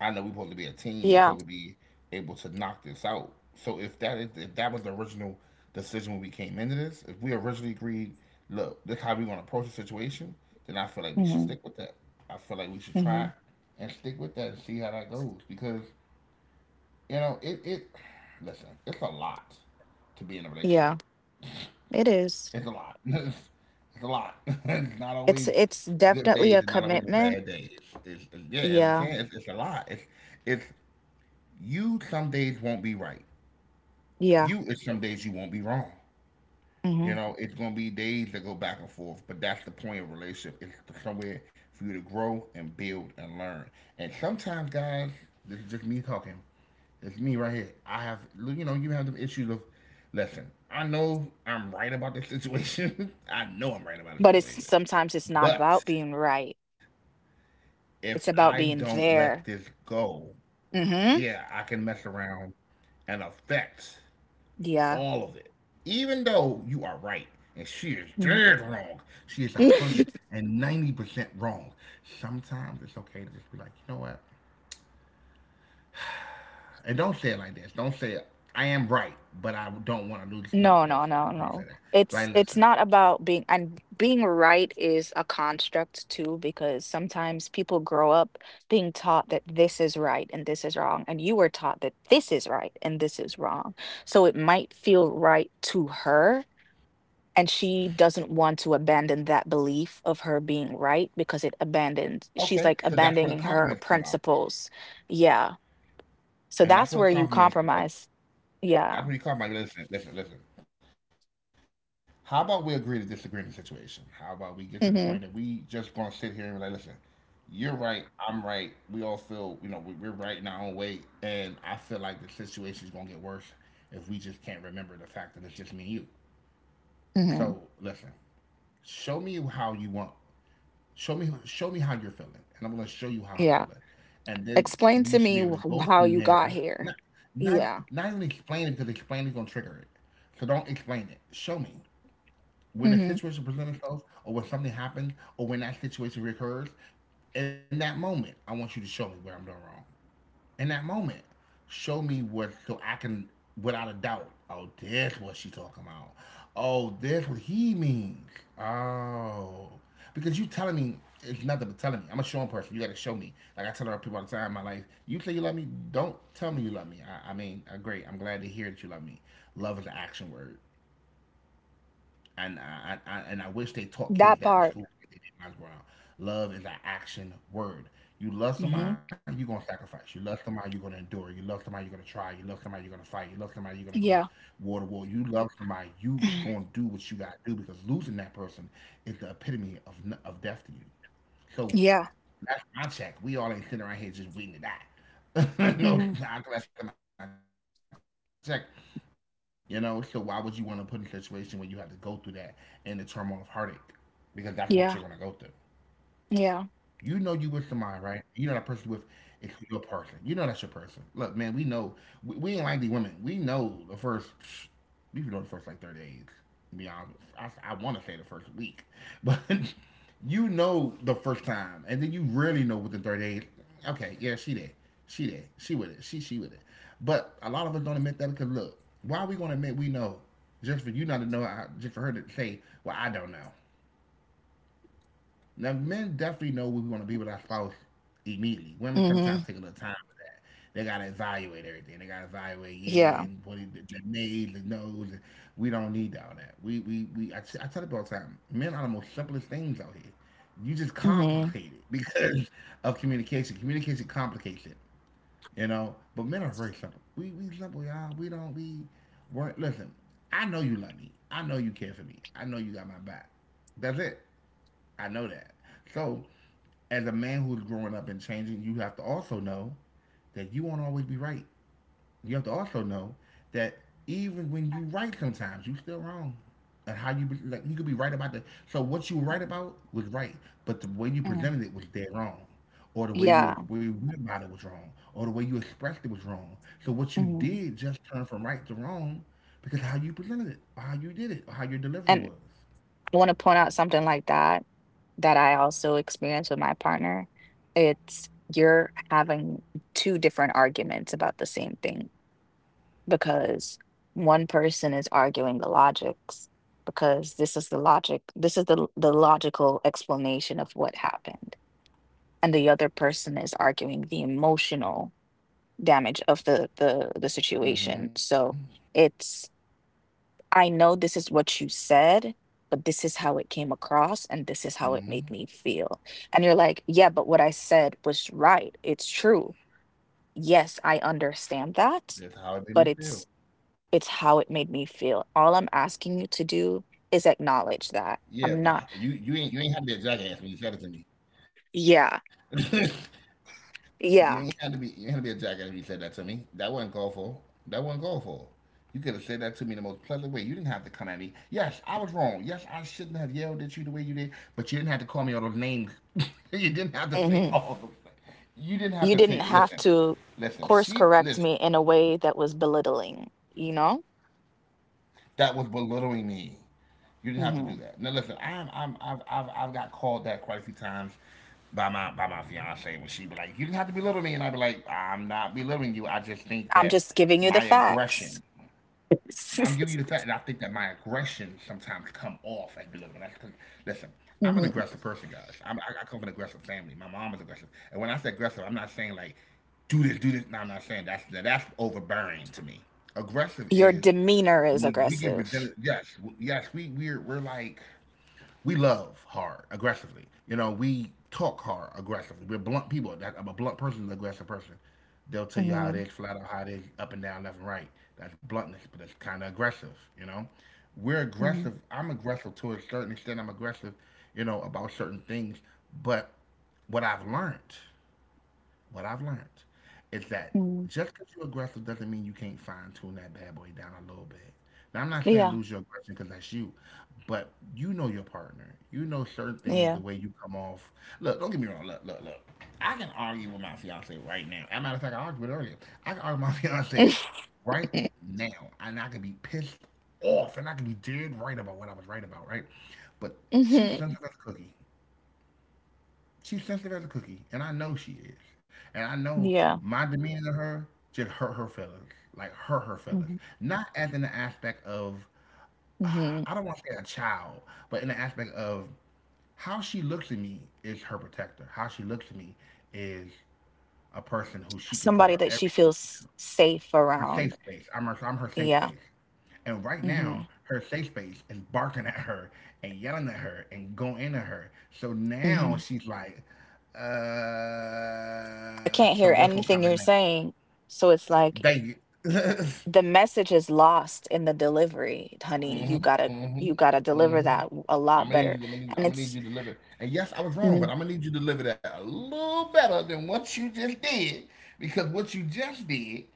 S2: I know we supposed to be a team and
S1: yeah,
S2: supposed to be able to knock this out. So if that is if that was the original decision when we came into this, if we originally agreed, look, this is how we gonna approach the situation, then I feel like we should
S1: hmm,
S2: stick with that. I feel like we should
S1: hmm,
S2: try and stick with that and see how that goes because you know, it listen, it's a lot to be in a relationship.
S1: yeah, it
S2: It's a
S1: is.
S2: lot. It's a lot. It's not always
S1: It's
S2: good days,
S1: definitely a
S2: it's not always
S1: commitment.
S2: bad days. It's yeah, I'm
S1: Yeah,
S2: saying it's a lot. It's you some days won't be right.
S1: yeah.
S2: You is some days you won't be wrong. You
S1: Hmm.
S2: know, it's gonna be days that go back and forth, but that's the point of relationship. It's somewhere for you to grow and build and learn. And sometimes, guys, this is just me talking. It's me right here. I have, you know, you have the issues of, listen, I know I'm right about this situation. I know I'm right about the
S1: But it's
S2: situation.
S1: sometimes it's not
S2: But
S1: about being right.
S2: if I
S1: It's
S2: don't
S1: about
S2: let
S1: being
S2: this
S1: there.
S2: go, yeah, I
S1: Hmm.
S2: can mess around and affect
S1: Yeah.
S2: all of it. Even though you are right and she is
S1: Hmm.
S2: dead wrong, she is 190% wrong. Sometimes it's okay to just be like, you know what? And don't say it like this. Don't say it. I am right, but I don't want to lose. No,
S1: No,
S2: don't
S1: no,
S2: say
S1: no,
S2: that. Don't say
S1: no.
S2: that. But I
S1: It's
S2: listen.
S1: not about being and being right is a construct too, because sometimes people grow up being taught that this is right and this is wrong, and you were taught that this is right and this is wrong. So it might feel right to her, and she doesn't want to abandon that belief of her being right because it abandons, she's like
S2: Okay,
S1: abandoning
S2: so
S1: her
S2: that's where the compliments
S1: principles.
S2: come out.
S1: Yeah. So that's where you
S2: And that's where the
S1: compromise.
S2: compliments,
S1: Yeah.
S2: that's what you call my listen, listen, listen. How about we agree to disagree in the situation? How about we get to the
S1: Mm-hmm.
S2: point that we just gonna sit here and be like, listen, you're right, I'm right. We all feel, you know, we're right in our own way, and I feel like the situation is gonna get worse if we just can't remember the fact that it's just me and you.
S1: Mm-hmm.
S2: So listen, show me how you want show me show me how you're feeling, and I'm gonna show you how
S1: Yeah.
S2: I'm feeling, and then
S1: Explain to
S2: we
S1: me
S2: should
S1: wh
S2: be able
S1: wh
S2: to
S1: how
S2: go
S1: you
S2: from
S1: got
S2: there.
S1: here.
S2: Not
S1: Yeah.
S2: not even explain it because explaining gonna trigger it. So don't explain it. Show me when a
S1: Mhm.
S2: situation presents itself, or when something happens, or when that situation recurs. In that moment, I want you to show me where I'm doing wrong in that moment. Show me what so I can without a doubt. Oh, that's what she talking about. Oh, that's what he means. Oh, because you telling me it's nothing but telling me. I'm a showing person. You got to show me. Like I tell other people all the time in my life. You say you love me. Don't tell me you love me. Great. I'm glad to hear that you love me. Love is an action word and I wish they taught
S1: That
S2: kids that in
S1: part.
S2: school. They did in my ground. Love is an action word. You love
S1: Mhm.
S2: somebody, you're gonna sacrifice. You love somebody, you're gonna endure. You love somebody, you're gonna try. You love somebody, you're gonna fight. You love somebody, you're gonna go
S1: Yeah.
S2: war to war. You love somebody, you gonna do what you gotta do because losing that person is the epitome of of death to you. So
S1: Yeah.
S2: that's my check. We all ain't sitting around here just waiting to die. No,
S1: Mhm.
S2: I collected my check. You know, so why would you want to put in a situation where you have to go through that and the turmoil of heartache? Because that's what
S1: Yeah.
S2: you're gonna go through.
S1: Yeah.
S2: You know you with somebody, right? You know that person you with is your person. You know that's your person. Look, man, we know we ain't like these women. We know the first. We know the first like 30 days. To be honest, I want to say the first week, but you know the first time, and then you really know within 30 days. Okay, yeah, she did, she did, she with it, she with it. But a lot of us don't admit that because look, why are we gonna admit we know just for you not to know, just for her to say, well, I don't know. Now, men definitely know we want to be with our spouse immediately. Women sometimes
S1: Mhm.
S2: take a little time for that. They gotta evaluate everything. They gotta evaluate, yeah,
S1: Yeah.
S2: and the nails, the nose, and we don't need all that. I tell people all the time, men are the most simplest things out here. You just
S1: Mhm.
S2: complicate it because of communication. Communication complicates it, you know. But men are very simple. We simple, y'all. We weren't listen. I know you love me. I know you care for me. I know you got my back. That's it. I know that. So, as a man who's growing up and changing, you have to also know that you won't always be right. You have to also know that even when you right, sometimes you still wrong. And how you like you could be right about the, so what you were right
S1: Mm,
S2: about was right, but the way you
S1: mm.
S2: presented it was dead wrong, or the way you
S1: Yeah.
S2: agreed about it was wrong, or the way you expressed it was wrong. So what you
S1: Mhm.
S2: did just turned from right to wrong because of how you presented it, or how you did it, or how your delivery
S1: And
S2: was.
S1: I wanna point out something like that, that I also experienced with my partner. It's you're having two different arguments about the same thing, because one person is arguing the logics because this is the logical explanation of what happened, and the other person is arguing the emotional
S2: Mm-hmm.
S1: damage of the situation. So it's I know this is what you said,
S2: Mm-hmm.
S1: but this is how it came across and this is how it made me feel. And you're like, yeah, but what I said was right, it's true.
S2: That's how
S1: Yes,
S2: it made
S1: I
S2: me feel.
S1: understand that, but it's how it made me feel. All I'm asking you to do
S2: Yeah, but
S1: is
S2: you
S1: acknowledge
S2: you ain't, you
S1: that.
S2: ain't had to be a
S1: I'm not
S2: jackass when you said it to me.
S1: yeah,
S2: You ain't had to be a jackass when you said that to
S1: yeah,
S2: me. That wasn't called for. That wasn't called for. You could have said that to me in the most pleasant way. You didn't have to come at me. Yes, I was wrong. Yes, I shouldn't have yelled at you the way you did. But you didn't have to call me all those names. you didn't have to say all those things.
S1: mhm.
S2: You didn't have to take it. Listen,
S1: You didn't
S2: listen.
S1: have
S2: She
S1: to
S2: listen.
S1: course correct me in a way that was belittling, you know?
S2: That was belittling me. You didn't have to do that.
S1: Mhm.
S2: Now listen, I've got called that quite a few times by my fiance when she be like, you didn't have to belittle me, and I'd be like, I'm not belittling you. I just think
S1: I'm
S2: that
S1: just giving you the
S2: my aggression,
S1: facts.
S2: I'm giving you the fact that I think that my aggression sometimes come off as belittling. Listen, I'm an
S1: Mhm.
S2: aggressive person, guys. I come from an aggressive family. My mom is aggressive, and when I say aggressive, I'm not saying like do this, do this. No, I'm not saying that's that, that's overbearing to me. Aggressive
S1: Your
S2: is
S1: demeanor is
S2: when we get
S1: aggressive.
S2: presented. Yes, we're like we love hard aggressively. You know, we talk hard aggressively. We're blunt people. I'm a blunt person, an aggressive person. They'll tell you how it
S1: Mhm,
S2: is, flat out how it is, up and down, left and right. That's bluntness, but it's kind of aggressive. You know, we're
S1: mhm,
S2: aggressive. I'm aggressive to a certain extent. I'm aggressive, you know, about certain things. But what I've learned what I've learned is that
S1: mhm.
S2: just because you're aggressive doesn't mean you can't fine tune that bad boy down a little bit. Now, I'm not saying
S1: Yeah,
S2: lose your aggression because that's you, but you know your partner. You know certain things, the
S1: yeah.
S2: way you come off. Look, don't get me wrong. Look. I can argue with my fiance right now. As a matter of fact, I argued with her earlier. I can argue with my fiance right now, and I can be pissed off, and I can be dead right about what I was right about, right? But she
S1: Mhm,
S2: sends us a cookie. She's sensitive as a cookie, and I know she is. And I know
S1: yeah,
S2: my demeanor to her just hurt her feelings, like hurt her feelings.
S1: mhm,
S2: Not as in the aspect of,
S1: mhm.
S2: I don't want to say a child, but in the aspect of how she looks at me is her protector. How she looks at me is a person who she can put
S1: Somebody
S2: her
S1: that she
S2: everything
S1: feels
S2: into,
S1: safe
S2: her safe
S1: around.
S2: space. I'm her safe
S1: Yeah.
S2: space. And right
S1: Hmm.
S2: now, her safe space is barking at her and yelling at her and going into her. So now
S1: Hmm.
S2: she's like,
S1: I can't
S2: so
S1: hear
S2: what's gonna
S1: anything
S2: come in
S1: you're
S2: next?
S1: saying. So it's like
S2: Thank you.
S1: y- the message is lost in the delivery, honey. You
S2: Mm-hmm.
S1: gotta
S2: Mm-hmm.
S1: you gotta deliver
S2: Mm-hmm.
S1: that a
S2: I'm
S1: lot
S2: gonna need you.
S1: better.
S2: I'm
S1: And
S2: gonna need
S1: it's
S2: you to deliver. And yes, I was wrong, but
S1: mm,
S2: I'm gonna need you to deliver that a little better than what you just did, because what you just did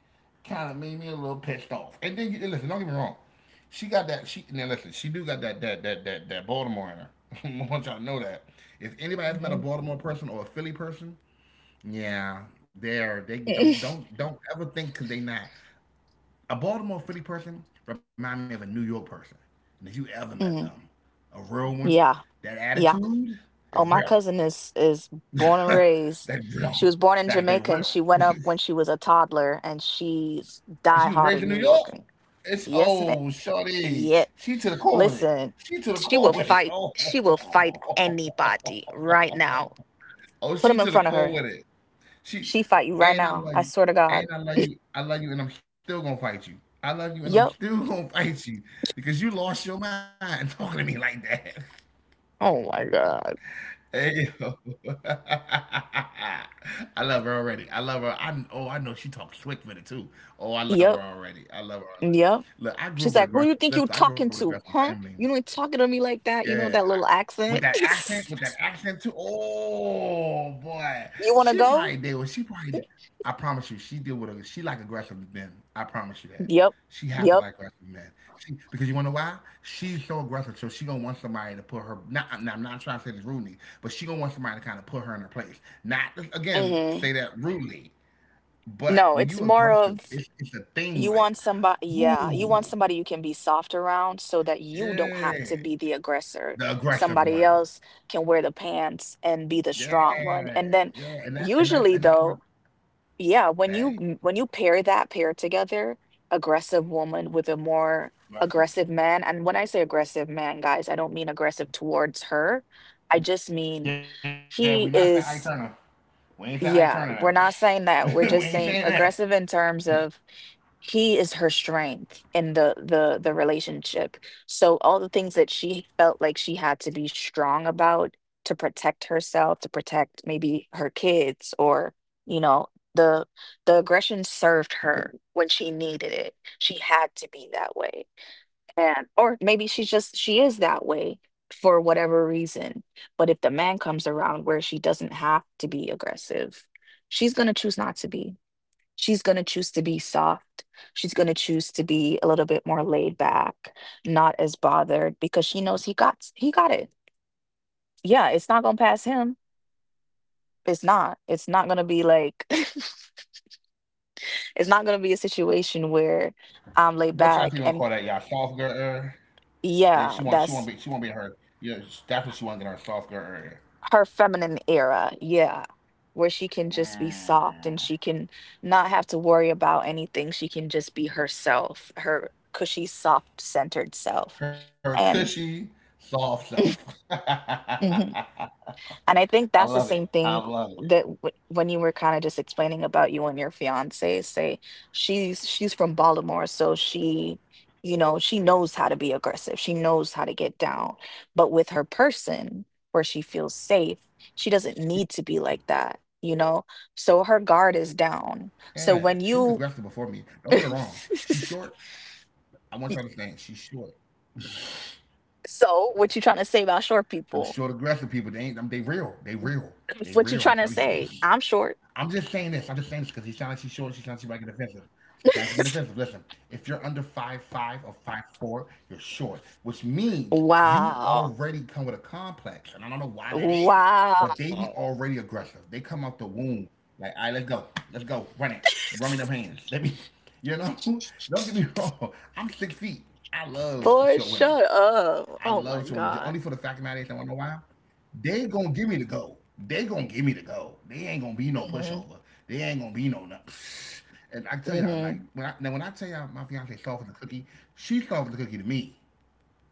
S2: kind of made me a little pissed off. And then you and listen. Don't get me wrong. She got that. She now listen. She do got that Baltimore in her. I want y'all to know that. If anybody has met a
S1: mhm,
S2: Baltimore person or a Philly person, yeah, they don't don't don't ever think because they not a Baltimore Philly person remind me of a New York person. And if you ever met them,
S1: mm,
S2: a real one,
S1: yeah,
S2: that
S1: yeah.
S2: attitude is
S1: Oh,
S2: real.
S1: my cousin is born and
S2: that
S1: raised.
S2: real.
S1: She was born in
S2: That they
S1: Jamaica
S2: real.
S1: and she went up when she was a toddler and she's
S2: And she was
S1: diehard
S2: raised
S1: in
S2: in New
S1: New
S2: York.
S1: Yorker.
S2: It's
S1: Yes, ma'am.
S2: oh shorty.
S1: Yeah.
S2: She to the core with it.
S1: Listen,
S2: She to the
S1: she
S2: core
S1: will
S2: with it.
S1: fight.
S2: Oh,
S1: She will fight anybody right now.
S2: oh
S1: Put
S2: she
S1: them in
S2: to the
S1: front of
S2: core
S1: her.
S2: with it. She
S1: She fight you right
S2: and I
S1: now.
S2: love
S1: I
S2: you.
S1: swear to
S2: And
S1: God.
S2: I love you. I love you and I'm still gonna fight you. I love you and I'm
S1: Yep.
S2: still gonna fight you because you lost your mind talking to me like that.
S1: Oh my God.
S2: Hey, yo. I love her already. I love her. I know she talks slick with it too. Oh, I love
S1: Yep.
S2: her already. I love her already.
S1: Yep.
S2: Look, I grew
S1: She's
S2: up with a
S1: like, who you
S2: aggressive.
S1: think you
S2: Listen, I grew up with
S1: talking
S2: a aggressive
S1: to? Huh?
S2: family.
S1: You ain't talking to me like that. You
S2: Yeah,
S1: know that
S2: I-
S1: little accent.
S2: with that accent too. Oh boy,
S1: you wanna go?
S2: she probably did. I promise you, she did what a, she like aggressive men. I promise you that.
S1: Yep.
S2: She have to
S1: Yep.
S2: like aggressive men. She, because you wanna know why? She's so aggressive, so she gonna want somebody to put her. Not, I'm not trying to say this rudely, but she gonna want somebody to kind of put her in her place. Not again,
S1: Hmm.
S2: say that rudely, but
S1: No,
S2: when
S1: it's
S2: you
S1: more
S2: aggressive,
S1: of
S2: it's a thing.
S1: you
S2: Like,
S1: want somebody yeah, you want
S2: ooh,
S1: somebody you can be soft around so that you don't have
S2: yeah,
S1: to be the aggressor.
S2: the aggressive
S1: Somebody
S2: one.
S1: else can wear the pants and be the strong
S2: Yeah,
S1: one. And then
S2: yeah,
S1: usually
S2: and that's my
S1: though. Yeah, when
S2: hey,
S1: you pair that pair together, aggressive woman with a more
S2: but
S1: aggressive man, and when I say aggressive man, guys, I don't mean aggressive towards her. I just
S2: yeah, we not
S1: mean
S2: saying Ike Turner.
S1: he
S2: We ain't
S1: is
S2: saying Ike Turner
S1: yeah, we're
S2: now. we
S1: not
S2: ain't
S1: saying
S2: saying
S1: that.
S2: that.
S1: We're just saying aggressive in terms of he is her strength in the relationship. So all the things that she felt like she had to be strong about to protect herself, to protect maybe her kids or, you know, the the aggression served her when she needed it. She had to be that way man or maybe she is that way for whatever reason, but if the man comes around where she doesn't have to be aggressive, she's going to choose not to be, she's going to choose to be soft, she's going to choose to be a little bit more laid back, not as bothered because she knows he got it, yeah, it's not going to pass him. It's not going to be like it's not going to be a situation where
S2: What
S1: I'm
S2: y'all
S1: laid
S2: people gonna call
S1: back
S2: that? Y'all
S1: and
S2: soft girl era? That
S1: yeah,
S2: she want
S1: that's
S2: to be her. You know that's what she want, to get her soft girl era.
S1: her feminine era, yeah, where she can just be soft
S2: Mm.
S1: and she can not have to worry about anything. She can just be herself, her cushy, soft centered self.
S2: Her
S1: And
S2: cushy soft self. I
S1: and I think that's the
S2: love it.
S1: same
S2: I
S1: thing
S2: love it.
S1: that w- when you were kind of just explaining about you and your fiance, say she's from Baltimore, so she, you know, she knows how to be aggressive. She knows how to get down. But with her person
S2: Like she
S1: where
S2: was
S1: she
S2: already
S1: feels
S2: aggressive before I
S1: safe,
S2: got here.
S1: she doesn't need to
S2: She
S1: be like that, you know?
S2: yeah,
S1: So
S2: she was
S1: her
S2: aggressive
S1: guard is
S2: before me. Don't
S1: down.
S2: get it wrong.
S1: So when
S2: She's
S1: you
S2: short. I want you to understand. She's short.
S1: Y-
S2: Them
S1: so what
S2: short
S1: you trying to
S2: aggressive
S1: say about
S2: people. They
S1: short
S2: ain't. Them, they
S1: people?
S2: real. They real. They real. I'm telling you.
S1: What you trying to say? I'm
S2: I'm
S1: short.
S2: just saying this because he sounds like she's short. She sounds like she might get offensive. She sounds like she get offensive. Listen, if you're under 5'5" or 5'4", you're short, which means you already come with
S1: Wow.
S2: a complex, and I don't know why that is, but they
S1: Wow.
S2: be already aggressive. They come out the womb like, all right, let's go, run it, run me them hands. They be, you know, don't get me wrong. I'm 6 feet. I love
S1: Boy,
S2: short women.
S1: shut
S2: I love
S1: up.
S2: short women.
S1: Oh
S2: Only
S1: my
S2: for the fact of the
S1: God.
S2: matter is, I want to know why they gonna give me the gold. They gonna give me the gold. They ain't gonna be no pushover.
S1: Hmm.
S2: They ain't gonna be no and I can tell y'all, like
S1: Hmm.
S2: now when I tell y'all my fiance soft as a cookie, she soft as a cookie to me.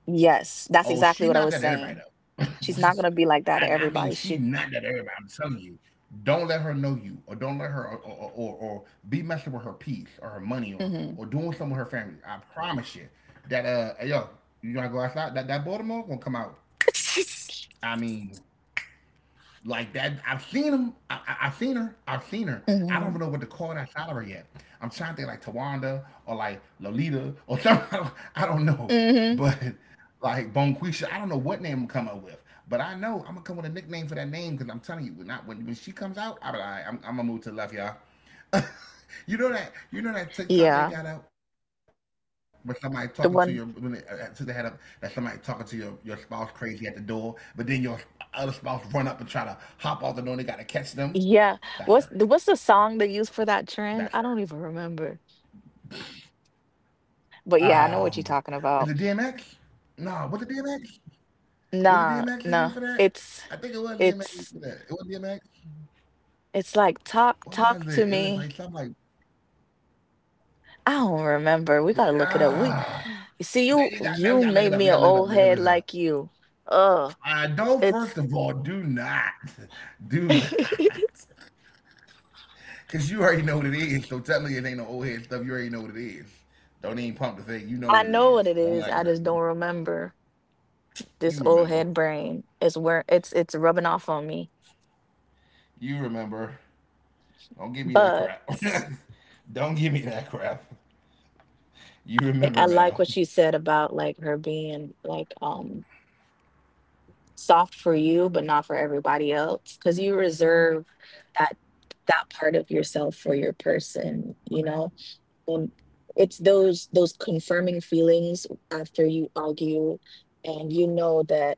S1: Yes, that's
S2: Oh,
S1: exactly
S2: she
S1: what I
S2: not
S1: was
S2: that to everybody
S1: saying.
S2: though.
S1: She's not gonna be like that to
S2: and I mean
S1: everybody.
S2: she
S1: She.
S2: not that to everybody. I'm telling you, don't let her know you, or don't let her, or be messing with her peace or her money,
S1: Hmm.
S2: or doing something with her family. I promise you that hey, yo, you wanna go outside? That that Baltimore gonna come out. I mean, like that, I've seen him. I've seen her. I've seen her. I don't
S1: hmm.
S2: even know what to call that salary yet. I'm trying to think like Tawanda or like Lolita or something. I don't know,
S1: Hmm.
S2: but like Bonquisha. I don't know what name I'm coming up with, but I know I'm gonna come with a nickname for that name because I'm telling you, not when she comes out, I'm gonna move to the left, y'all. You know that TikTok they
S1: Yeah,
S2: got out with somebody talking to your when they,
S1: the
S2: to the head
S1: one.
S2: up that somebody talking to your spouse crazy at the door, but then your other spouse run up and try to hop off the door and they gotta catch them. That's her.
S1: Yeah. What's the
S2: That's
S1: song they
S2: her.
S1: use for that trend? I don't even remember.
S2: Um,
S1: But yeah, I
S2: is
S1: know
S2: it
S1: what you're talking
S2: DMX?
S1: about.
S2: No, what's the DMX? Was it DMX that you for
S1: Nah,
S2: that?
S1: nah.
S2: I think it was
S1: It's
S2: DMX you for that. It was
S1: it's
S2: DMX.
S1: it's
S2: What
S1: like
S2: was
S1: talk
S2: it? It was like
S1: talk
S2: something
S1: to
S2: like
S1: me. I don't
S2: but,
S1: remember. We gotta
S2: ah.
S1: look it up. We
S2: Now you got
S1: see
S2: now we
S1: you
S2: gotta look it up. We
S1: you
S2: gotta look it
S1: made
S2: up. We
S1: me an
S2: gotta look it
S1: old
S2: up.
S1: head like you. Uh
S2: Don't First of all,
S1: it's
S2: do not, cause you already know what it is. So tell me it ain't no old head stuff. You already know what it is. Don't even pump the thing. You know
S1: I
S2: what it
S1: know
S2: is.
S1: what it
S2: Don't
S1: is.
S2: act
S1: I just
S2: random.
S1: don't remember. This
S2: You
S1: old
S2: remember.
S1: head brain is where it's rubbing off on me.
S2: You remember. Don't give me that
S1: But
S2: crap. Don't give me that crap. You
S1: I
S2: remember,
S1: like what you
S2: ma'am.
S1: said about like her being like soft for you but not for everybody else cuz you reserve that that part of yourself for your person, you know? Um, it's those confirming feelings after you argue and you know that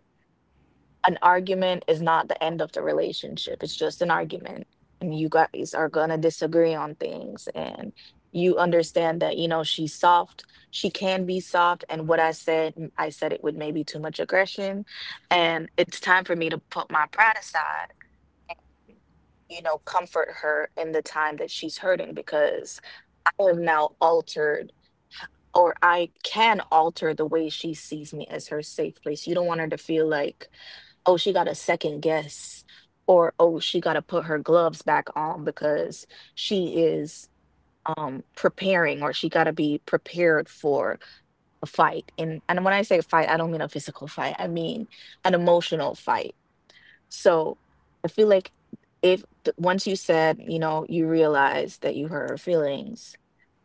S1: an argument is not the end of the relationship, it's just an argument. And you guys are gonna disagree on things, and you understand that you know she's soft, she can be soft, and what I said I said it with maybe too much aggression, and it's time for me to put my pride aside, you know, comfort her in the time that she's hurting because am now altered or I can alter the way she sees me as her safe place. You don't want her to feel like, oh, she got a second guess, or oh, she got to put her gloves back on because she is preparing or she got to be prepared for a fight. And when I say fight, I don't mean a physical fight. I mean an emotional fight. So I feel like if once you said, you know, you realize that you hurt her feelings,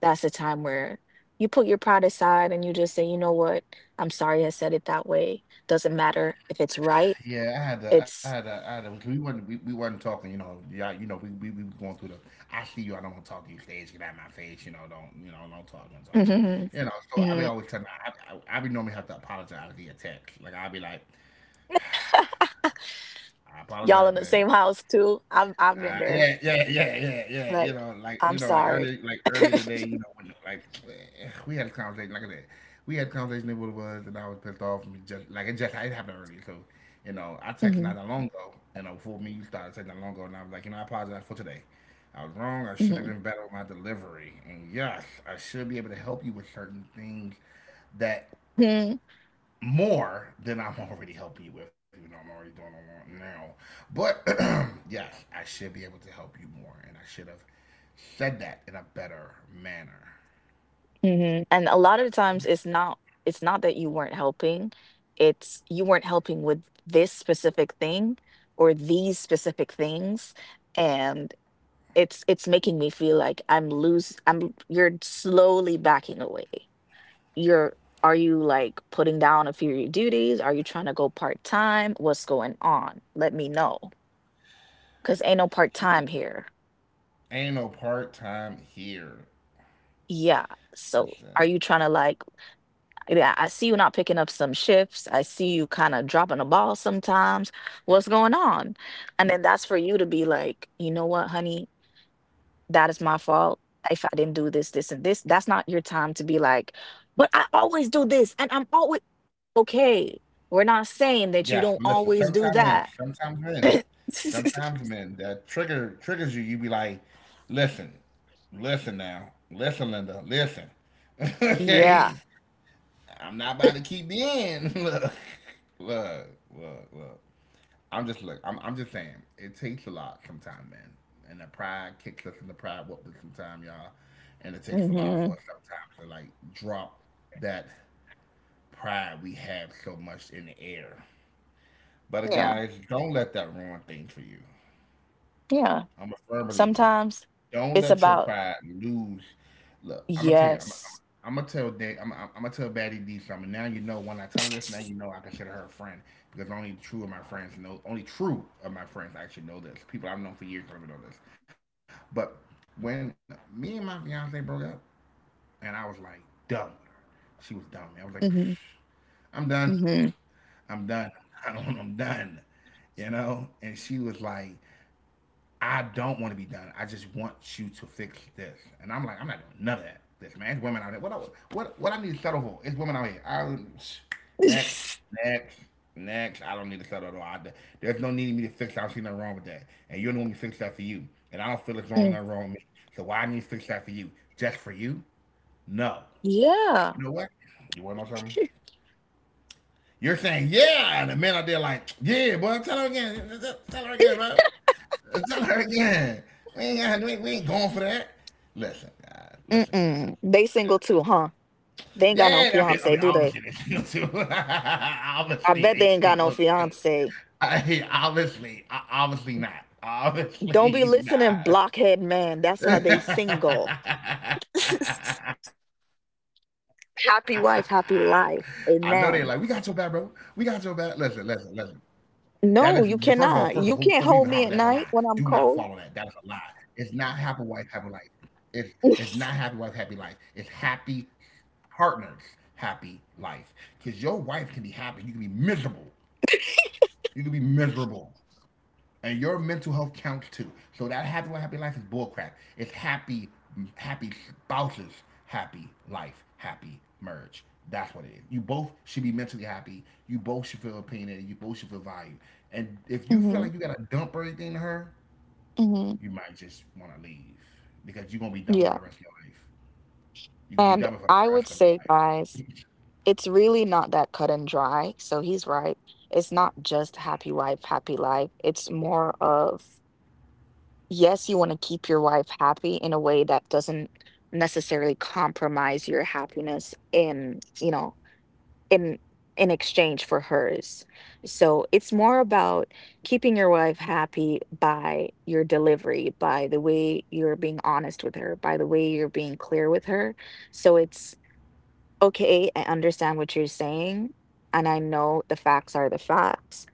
S1: that's a time where you put your pride aside and you just say, you know what, I'm sorry I said it that way. Doesn't matter if it's right.
S2: Yeah, I had to, I had
S1: It's
S2: to, I had to, because we weren't talking, yeah, we was going through the, I see you, I don't want to talk to you, stage, get out of my face, don't, don't talk, don't talk to me,
S1: hmm,
S2: so I be
S1: hmm,
S2: always telling, I be normally have to apologize via text, like I be like, I
S1: y'all
S2: apologize,
S1: in the
S2: babe.
S1: same house too. I've been there.
S2: Yeah, yeah, yeah, yeah, yeah.
S1: Like
S2: Like
S1: I'm
S2: like
S1: sorry.
S2: early, like early today. When like we had a conversation. Like I said, we had a conversation that what it was, and I was pissed off. And just like it happened early, so I texted
S1: hmm.
S2: not that long ago. Before me, you started texting not long ago, and I was like, I apologize for today. I was wrong. I should have
S1: Hmm.
S2: been better with my delivery. And yes, I should be able to help you with certain things that more than I'm already helping you with, even though I'm already doing a lot now. But yes, I should be able to help you more, and I should have said that in a better manner.
S1: Mhm. And a
S2: That's
S1: lot
S2: all
S1: of the
S2: that.
S1: times it's not that you weren't helping. It's you weren't helping with this specific thing or these specific things. And it's making me feel like I'm you're slowly backing away. You're are you like putting down a few of your duties? Are you trying to go part-time? What's going on? Let me know. Cause ain't no part-time here.
S2: Ain't no part time here.
S1: Yeah. So are you
S2: Listen,
S1: trying to like. Yeah, I see you not picking up some shifts. I see you kind of dropping the ball sometimes. What's going on? And then that's for you to be like, you know what, honey, that is my fault. If I didn't do this, this, and this, that's not your time to be like, but I always do this and I'm always okay. We're not saying that you
S2: yes,
S1: don't
S2: listen.
S1: always do
S2: Sometimes men,
S1: that.
S2: sometimes men, sometimes men that triggers you. You be like, listen, listen now, listen, Linda, listen. Okay,
S1: Yeah.
S2: I'm not about to keep being. Look, look, look, look. I'm just look. I'm just saying. It takes a lot sometimes, man. And the pride kicks us and the pride whooped us sometimes, y'all. And it takes a lot for
S1: Hmm.
S2: us sometimes to like drop that pride we have so much in the air. But
S1: Yeah.
S2: guys, don't let that ruin things for you.
S1: Yeah.
S2: I'm a firm believer in it.
S1: Sometimes
S2: Don't
S1: it's
S2: let your
S1: about
S2: pride lose. Look, I'm gonna tell you. I'm,
S1: yes.
S2: I'm, gonna tell Dan. I'm gonna tell Batty D something. Now you know when I tell her this. Now you know I consider her a friend because only true of my friends know. Only true of my friends actually know this. People I've known for years don't even know this. But when me and my fiance broke up, and I was like done with her, she was done with me. I was like,
S1: Hmm.
S2: "Psh, I'm done.
S1: Hmm.
S2: I'm done. I don't. I'm done. You know." And she was like, I don't want to be done. I just want you to fix this. And I'm like, I'm not doing none of that. This man, it's women out there. What I need to settle for? It's women out here. Next, next, next. I don't need to settle at all. There's no need for me to fix that. I don't see nothing wrong with that. And you don't want me to fix that for you. And I don't feel it's wrong, nothing wrong with me. So why I need to fix that for you? Just for you? No. And
S1: Yeah.
S2: you know what? You want to know something? You're saying yeah, and the men out there like yeah, boy. Tell her again. Tell her again, bro. It's not her again. We ain't going for that. Listen, guys. Listen, guys.
S1: Mm-mm. They
S2: Listen,
S1: single
S2: guys.
S1: too, huh? They ain't got no
S2: Yeah, I mean, I
S1: fiance,
S2: mean,
S1: do they?
S2: obviously they single too.
S1: I
S2: Obviously
S1: bet
S2: they
S1: they ain't got no
S2: single too.
S1: fiance.
S2: I mean, obviously, obviously not.
S1: Don't be
S2: Obviously
S1: listening,
S2: not.
S1: blockhead man. That's why they single.
S2: I know they
S1: Happy
S2: like, we got
S1: wife,
S2: your back,
S1: happy
S2: bro.
S1: life.
S2: We got your back.
S1: Amen.
S2: Listen, listen, listen. That is first of all, before we even
S1: No,
S2: hop,
S1: you
S2: that's a lie.
S1: cannot.
S2: Do
S1: You
S2: not
S1: can't
S2: follow
S1: hold
S2: that.
S1: me
S2: That
S1: at
S2: is a
S1: night
S2: lie.
S1: when I'm
S2: It's not
S1: cold.
S2: happy wife, happy life. It's it's not happy wife, happy life. It's happy partners, happy life. Because your wife can be happy, you can be miserable. You can be miserable and your mental health counts too. So that happy wife, happy life is bullcrap. It's happy, happy spouses, happy life, happy marriage. That's what it is. You both should be mentally happy. You both should feel opinionated. You both should feel valued. And if you feel like
S1: Hmm.
S2: you gotta dump everything to her,
S1: Hmm.
S2: you might just want to leave because you're gonna be dumping for the
S1: Yeah.
S2: rest of your life. You're gonna be
S1: And
S2: dumping for the
S1: I
S2: rest
S1: would
S2: of your
S1: say, guys, it's really not that cut and dry. So he's right. It's not just happy wife, happy life. It's more of yes, you want to keep your wife happy in a way that doesn't necessarily compromise your happiness in, you know, in in exchange for hers. So it's more about keeping your wife happy by your delivery, by the way you're being honest with her, by the way you're being clear with her. So it's okay, I understand what you're saying, and I know the facts are the facts,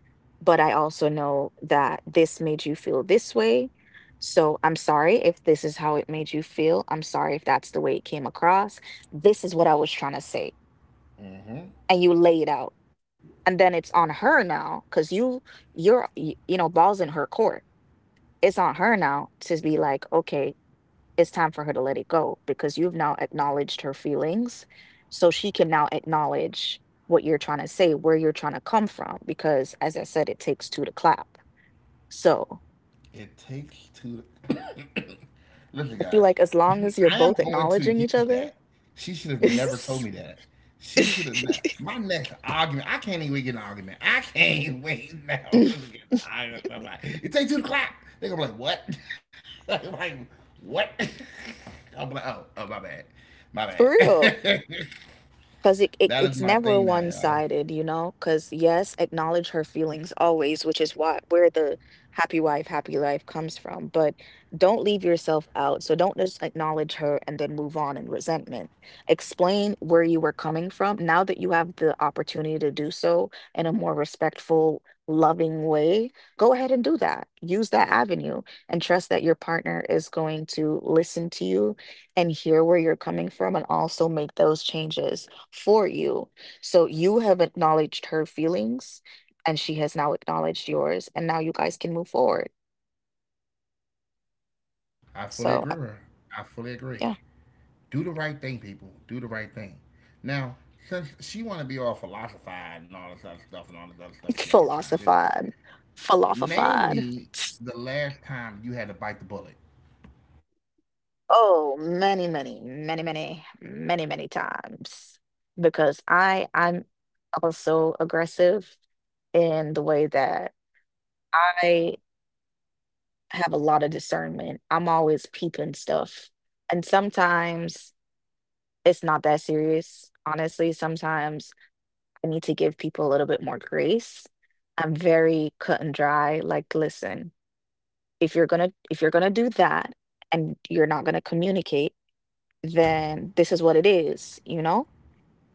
S1: but I also know that this made you feel this way. So I'm sorry if this is how it made you feel. I'm sorry if that's the way it came across. This is what I was trying to say,
S2: life.
S1: and you lay it out. And then it's on her now, because you're you know, balls in her court. It's on her now to be like, okay, it's time for her to let it go because you've now acknowledged her feelings. So she can now acknowledge what you're trying to say, where you're trying to come from, because as I said, it takes two to clap. So
S2: It takes two. Listen,
S1: I feel
S2: guys,
S1: like as long as you're
S2: I am
S1: both
S2: going to
S1: acknowledging each
S2: use
S1: other.
S2: that. She should have never told me that. She should have. My next argument. I can't even get an argument. I can't wait now to get an argument with somebody. It takes 2 o'clock. They're gonna be like, what? They're like, what? I will be like, oh, oh, my bad, my
S1: For real.
S2: bad.
S1: Because it
S2: That is
S1: it's
S2: my thing
S1: never
S2: now, y'all.
S1: one-sided, you know? Because yes, acknowledge her feelings always, which is why where the happy wife, happy life comes from. But don't leave yourself out. So don't just acknowledge her and then move on in resentment. Explain where you were coming from. Now that you have the opportunity to do so in a more respectful, loving way, go ahead and do that. Use that avenue and trust that your partner is going to listen to you and hear where you're coming from and also make those changes for you. So you have acknowledged her feelings and she has now acknowledged yours and now you guys can move forward.
S2: I fully
S1: So
S2: agree with her. I fully agree.
S1: yeah.
S2: Do the right thing, people. Do the right thing. Now, since she want to be all philosophized and all this other stuff and all this other stuff she out here trying to do,
S1: Philosophified,
S2: name
S1: philosophified.
S2: me the last time you had to bite the bullet.
S1: Oh, many, many, many, many, many, many times because I'm also aggressive in the way that I have a lot of discernment. I'm always peeping stuff. And sometimes it's not that serious. Honestly, sometimes I need to give people a little bit more grace. I'm very cut and dry. Like, listen, if you're gonna do that and you're not gonna communicate, then this is what it is, you know?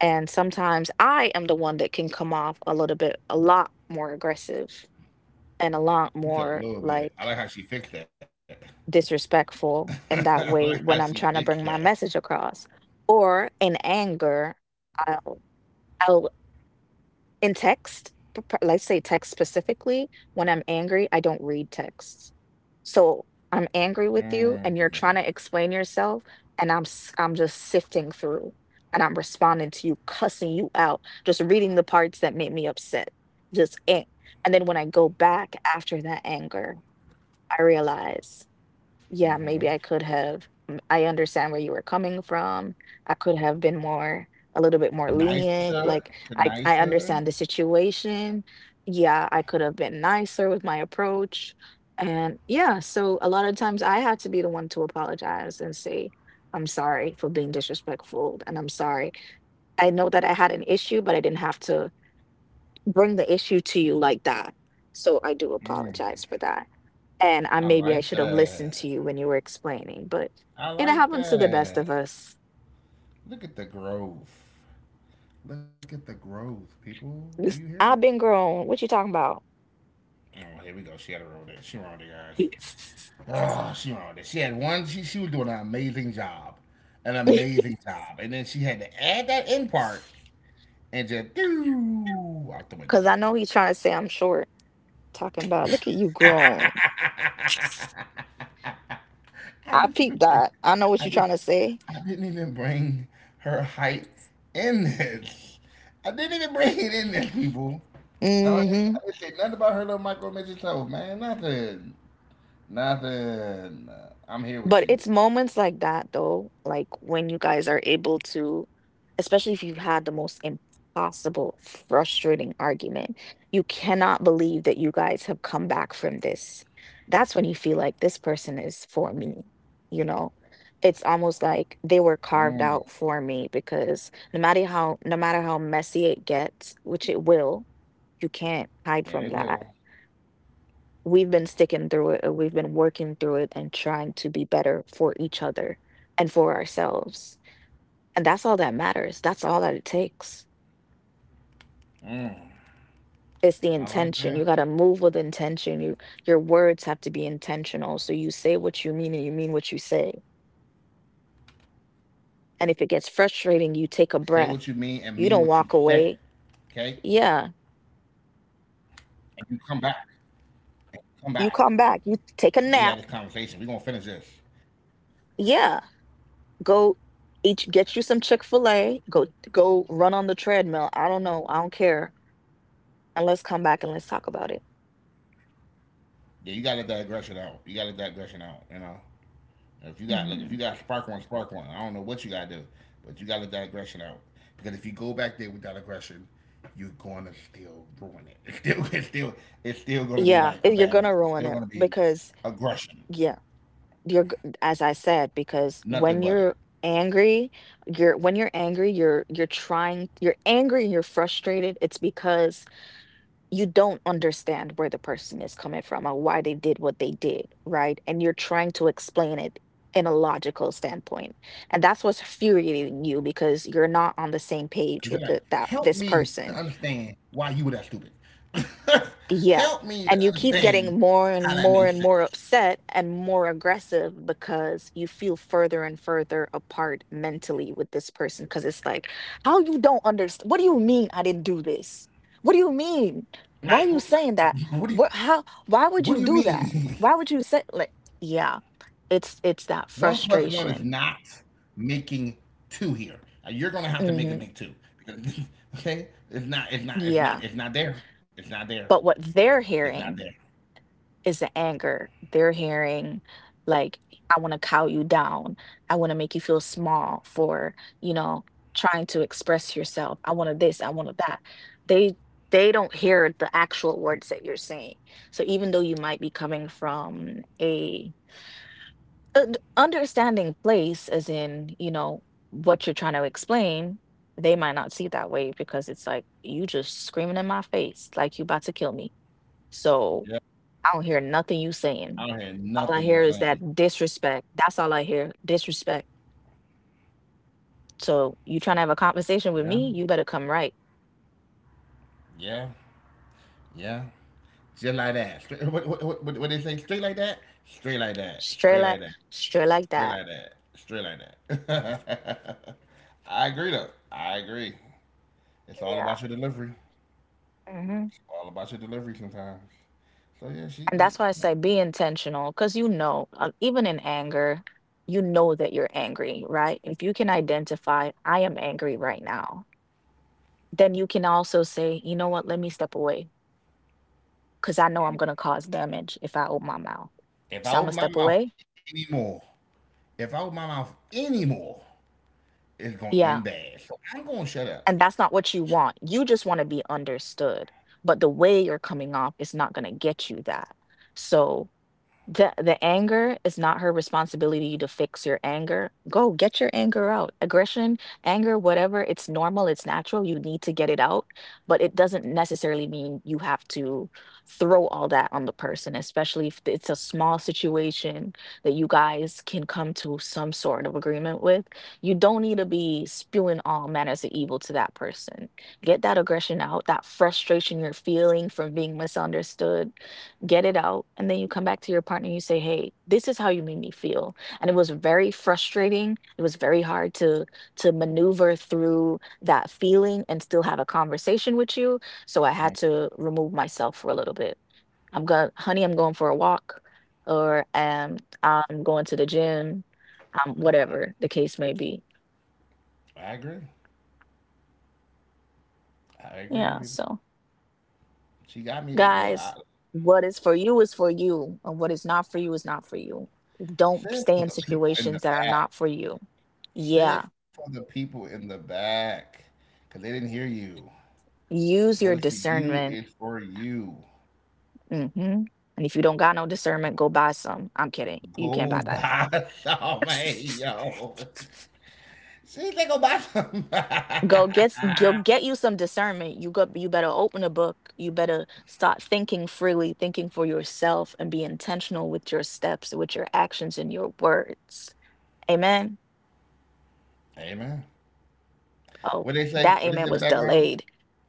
S1: And sometimes I am the one that can come off a little bit a lot more aggressive and a lot
S2: She said a
S1: more
S2: little bit. I
S1: like
S2: like how she fixed that.
S1: disrespectful
S2: I
S1: in that
S2: like how
S1: way
S2: she
S1: when I'm
S2: fixed
S1: trying to
S2: that.
S1: bring my message across. Or in anger, I'll I'll in text, p p let's say text specifically, when I'm angry, I don't read texts. So, I'm angry with you
S2: Mm.
S1: and you're trying to explain yourself, and I'm just sifting through, and I'm responding to you, cussing you out, just reading the parts that made me upset, just, eh, and then when I go back after that anger, I realize yeah,
S2: hmm
S1: maybe I could have I understand where you were coming from. I could have been more a little bit more lenient.
S2: Nicer,
S1: Like I
S2: nicer.
S1: understand the situation. Yeah, I could have been nicer with my approach. And yeah, so a lot of times I had to be the one to apologize and say, I'm sorry for being disrespectful and I'm sorry. I know that I had an issue, but I didn't have to bring the issue to you like that. So I do
S2: Mm.
S1: apologize for that and I
S2: I
S1: maybe I should
S2: like
S1: have listened to
S2: that.
S1: you when you were explaining, but it
S2: I like
S1: happens to the best of
S2: that.
S1: us.
S2: Look at the growth. Look at the growth, people. Do you
S1: This-
S2: hear it?
S1: I've been grown. What you talking about?
S2: Oh, here we go. She had a roll it. She wrong it, guys. Oh, she wrong it. She had one. She was doing an amazing job, and then she had to add that end part and just do out the window.
S1: Because I know he's trying to say I'm short. Talking about, look at you grown.
S2: I
S1: I
S2: didn't even
S1: peeped
S2: bring.
S1: that. I know what
S2: I
S1: you're trying
S2: did.
S1: to say.
S2: I didn't even bring her height in this. I didn't even bring it in this, people. I
S1: Hmm.
S2: didn't say nothing about her little micro midget toes, man. Nothing. Nothing. I'm here with
S1: But
S2: you.
S1: it's moments like that, though, like when you guys are able to, especially if you've had the most impossible, frustrating argument, you cannot believe that you guys have come back from this. That's when you feel like this person is for me, you know? It's almost like they were
S2: Mm,
S1: carved out for me because no matter how messy it gets, which it will, you can't hide from
S2: and they
S1: that.
S2: will.
S1: We've been sticking through it, we've been working through it and trying to be better for each other and for ourselves. And that's all that matters. That's all that it takes. It's the
S2: I
S1: intention. You
S2: like
S1: got to
S2: that.
S1: move with intention. You your words have to be intentional. So you say what you mean and you mean what you say.
S2: Say
S1: And if it
S2: what you
S1: gets
S2: mean and mean
S1: frustrating,
S2: what
S1: you
S2: you
S1: take a
S2: say.
S1: breath. You
S2: Okay?
S1: don't walk away. Yeah.
S2: And you come back. And you come back.
S1: You
S2: And
S1: come
S2: we had this
S1: back. You
S2: conversation.
S1: take
S2: We're
S1: a
S2: gonna
S1: nap.
S2: finish this.
S1: Yeah. Go each get you some Chick-fil-A. Go go run on the treadmill. I don't know. I don't care and let's come back and let's talk about it.
S2: Yeah, you gotta let that aggression out. You gotta let that aggression out. If you got look, if you
S1: Hmm.
S2: got spark one, spark one. I don't know what you gotta do, but you gotta let that aggression out. Because if you go back there with that aggression, you're gonna still ruin it. It's still it's still it's still gonna be
S1: Yeah,
S2: like a
S1: you're
S2: bad
S1: gonna
S2: moment.
S1: ruin
S2: It's
S1: it
S2: still gonna be
S1: because
S2: aggression.
S1: yeah, you're g- as I said
S2: Nothing
S1: because
S2: but it.
S1: when you're angry, you're when you're angry, you're trying, you're angry and you're frustrated. It's because you don't understand where the person is coming from or why they did what they did, right? And you're trying to explain it in a logical standpoint. And that's what's infuriating you because you're not on the same page with
S2: Because you're
S1: the,
S2: like,
S1: that this
S2: help me
S1: person.
S2: to understand why you were that stupid.
S1: Yeah,
S2: Help
S1: and you
S2: me to
S1: keep getting
S2: understand
S1: more and more
S2: how
S1: and
S2: that
S1: more
S2: makes sense.
S1: upset and more aggressive because you feel further and further apart mentally with this person because it's like, how you don't understand? What do you mean I didn't do this? What do you mean? Why
S2: Like,
S1: are
S2: like,
S1: you saying that?
S2: what do you
S1: What, how, why would
S2: what do
S1: you
S2: you
S1: do that?
S2: mean?
S1: Why would you say like, yeah, it's that
S2: One plus one is
S1: frustration.
S2: not making two here. You're gonna have to make it
S1: Hmm.
S2: make two because okay, it's not, it's not, it's
S1: Yeah.
S2: not, it's not there. It's not there.
S1: But what they're
S2: It's not
S1: hearing
S2: there.
S1: is the anger. They're hearing like, I want to cow you down. I want to make you feel small for, you know, trying to express yourself. I wanted this, I wanted that. They they don't hear the actual words that you're saying. So even though you might be coming from a understanding place as in, you know, what you're trying to explain, they might not see it that way because it's like you just screaming in my face like you about to kill me. So
S2: Yeah,
S1: I don't hear nothing you saying.
S2: I don't hear
S1: All I
S2: nothing you're
S1: hear is
S2: saying.
S1: that disrespect. That's all I hear. Disrespect. So you trying to have a conversation with
S2: Yeah,
S1: me? You better come right.
S2: yeah, yeah. Just like that. Straight, what they say? Straight like that? Straight like that.
S1: Straight
S2: Straight like
S1: like
S2: that.
S1: straight like
S2: Straight
S1: that.
S2: like that. Straight like that. I agree, though. I agree. It's all
S1: Yeah.
S2: about your delivery.
S1: Hmm.
S2: It's all about your delivery sometimes. So, yeah, she.
S1: And that's why I
S2: Yeah.
S1: say be intentional, because you know, even in anger, you know that you're angry, right? If you can identify, I am angry right now, then you can also say, you know what, let me step away, because I know I'm gonna cause damage if I open my mouth. So I'm gonna
S2: If I
S1: step
S2: open my
S1: away.
S2: mouth anymore, if I open my mouth anymore, it's going to
S1: Yeah,
S2: end bad. So, I'm going to shut up.
S1: and that's not what you want. You just want to be understood. But the way you're coming off is not going to get you that. So the anger is not her responsibility to fix your anger. Go get your anger out. Aggression, anger, whatever, it's normal, it's natural. You need to get it out, but it doesn't necessarily mean you have to throw all that on the person, especially if it's a small situation that you guys can come to some sort of agreement with. You don't need to be spewing all manners of evil to that person. Get that aggression out, that frustration you're feeling from being misunderstood. Get it out and then you come back to your partner and you say hey this is how you made me feel and it was very frustrating. It was very hard to maneuver through that feeling and still have a conversation with you. So I had
S2: Mm,
S1: to remove myself for a little bit. I'm going Honey, I'm going for a walk or I'm going to the gym, whatever the case may be.
S2: I agree. I
S1: Yeah,
S2: agree, people.
S1: so
S2: She got me.
S1: guys, what is for you, and what is not for you is not for you. Don't stay in
S2: Says to the people
S1: situations that
S2: in
S1: are
S2: the
S1: not for
S2: back.
S1: you. Yeah,
S2: Say it for the people in the back, because they didn't hear you.
S1: use your
S2: What is for you
S1: discernment.
S2: is for you.
S1: Hmm. And if you don't got no discernment, go buy some. I'm kidding. You can't
S2: Go
S1: buy that.
S2: buy some, hey, yo. See, they go buy some.
S1: Go get go get you some discernment. You go. You better open a book. You better start thinking freely, thinking for yourself, and be intentional with your steps, with your actions, and your words. Amen.
S2: Amen.
S1: Oh,
S2: What they say?
S1: that
S2: What is
S1: amen
S2: in the
S1: was
S2: background?
S1: delayed.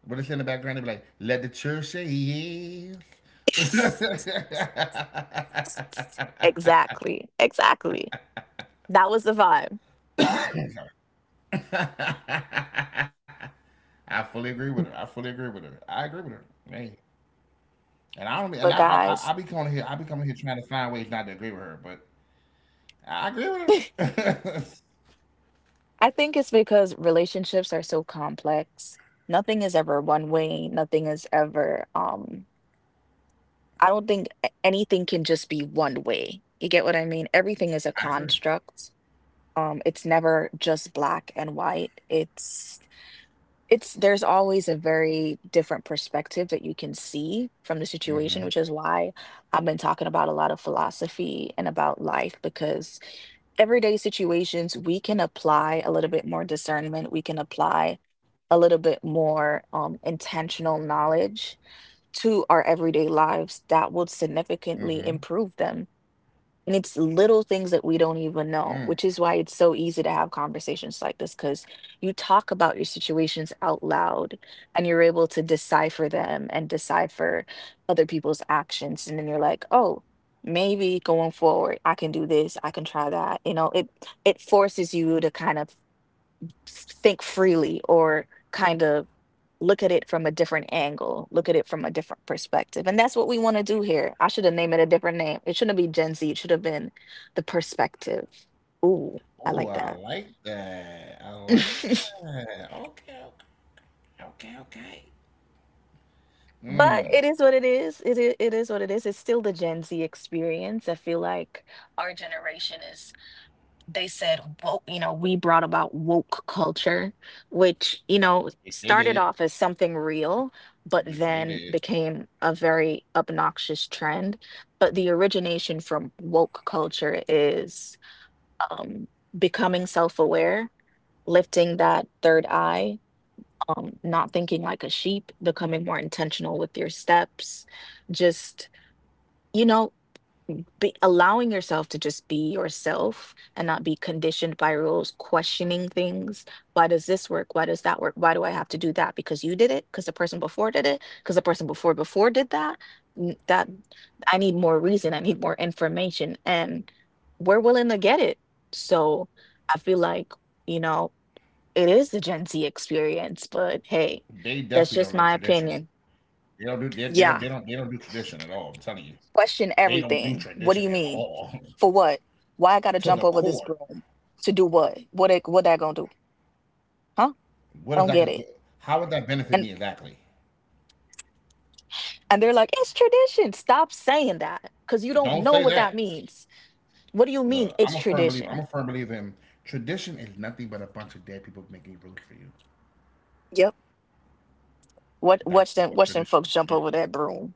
S2: What is in the background? They be like, let the church say yes.
S1: Exactly, exactly. That was the vibe.
S2: I fully agree with her. I fully agree with her. I agree with her. Hey. And I don't, and
S1: But
S2: I
S1: guys,
S2: be coming here trying to find ways not to agree with her, but I agree with
S1: I
S2: her.
S1: think it's because relationships are so complex. Nothing is ever one way. Nothing is ever, I don't think anything can just be one way. You get what I mean? Everything is a
S2: I agree.
S1: construct. It's never just black and white. It's there's always a very different perspective that you can see from the situation, which is
S2: Mm-hmm,
S1: why I've been talking about a lot of philosophy and about life because everyday situations we can apply a little bit more discernment, we can apply a little bit more intentional knowledge to our everyday lives that will
S2: mm-hmm,
S1: significantly improve them. And it's little things that we don't even know,
S2: mm.
S1: which is why it's so easy to have conversations like this because you talk about your situations out loud and you're able to decipher them and decipher other people's actions. And then you're like, oh, maybe going forward, I can do this, I can try that. You know, it forces you to kind of think freely or kind of look at it from a different angle, look at it from a different perspective. And that's what we want to do here. I should have named it a different name. It shouldn't be Gen Z, it should have been the perspective. Ooh, I like
S2: Ooh,
S1: that.
S2: I like that. I
S1: But
S2: like that. Okay, okay, okay, okay.
S1: it is
S2: Mm.
S1: what it is. It, it is what it is. It's still the Gen Z experience. I feel like our generation is, they said woke, you know, we brought about woke culture, which, you know,
S2: Which
S1: started
S2: they
S1: off as
S2: did,
S1: something real but then
S2: which they did.
S1: became a very obnoxious trend. But the origination from woke culture is, um becoming self-aware, lifting that third eye, not thinking like a sheep, becoming more intentional with your steps, just, you know, Mm, be allowing yourself to just be yourself and not be conditioned by rules, questioning things. Why does this work? Why does that work? Why do I have to do that? Because you did it, because the person before did it, because the person before before did that. That, I need more reason, I need more information, and we're willing to get it. So I feel like, you know, it is the Gen Z experience, but
S2: They
S1: hey,
S2: definitely don't like
S1: that's just
S2: tradition.
S1: my opinion.
S2: They
S1: Yeah,
S2: don't do tradition at all. I'm telling you, they
S1: question
S2: don't do
S1: everything.
S2: tradition
S1: What
S2: at
S1: do you mean?
S2: all
S1: For what? Why I
S2: to the
S1: gotta jump over
S2: core.
S1: this broom to do what? What it, what that gonna do? Huh?
S2: What
S1: I
S2: if
S1: don't get
S2: that?
S1: it.
S2: How would that benefit
S1: And
S2: me exactly?
S1: and they're like, it's tradition. Stop saying that because you don't
S2: Don't
S1: know
S2: say
S1: what that
S2: that.
S1: means. What do you mean
S2: Look,
S1: it's
S2: I'm a firm believer.
S1: tradition?
S2: I'm a firm believer in tradition is nothing but a bunch of dead people making rules for you.
S1: Yep. What, watch
S2: That's
S1: them watch
S2: what
S1: them folks
S2: tradition
S1: jump over
S2: is.
S1: that broom.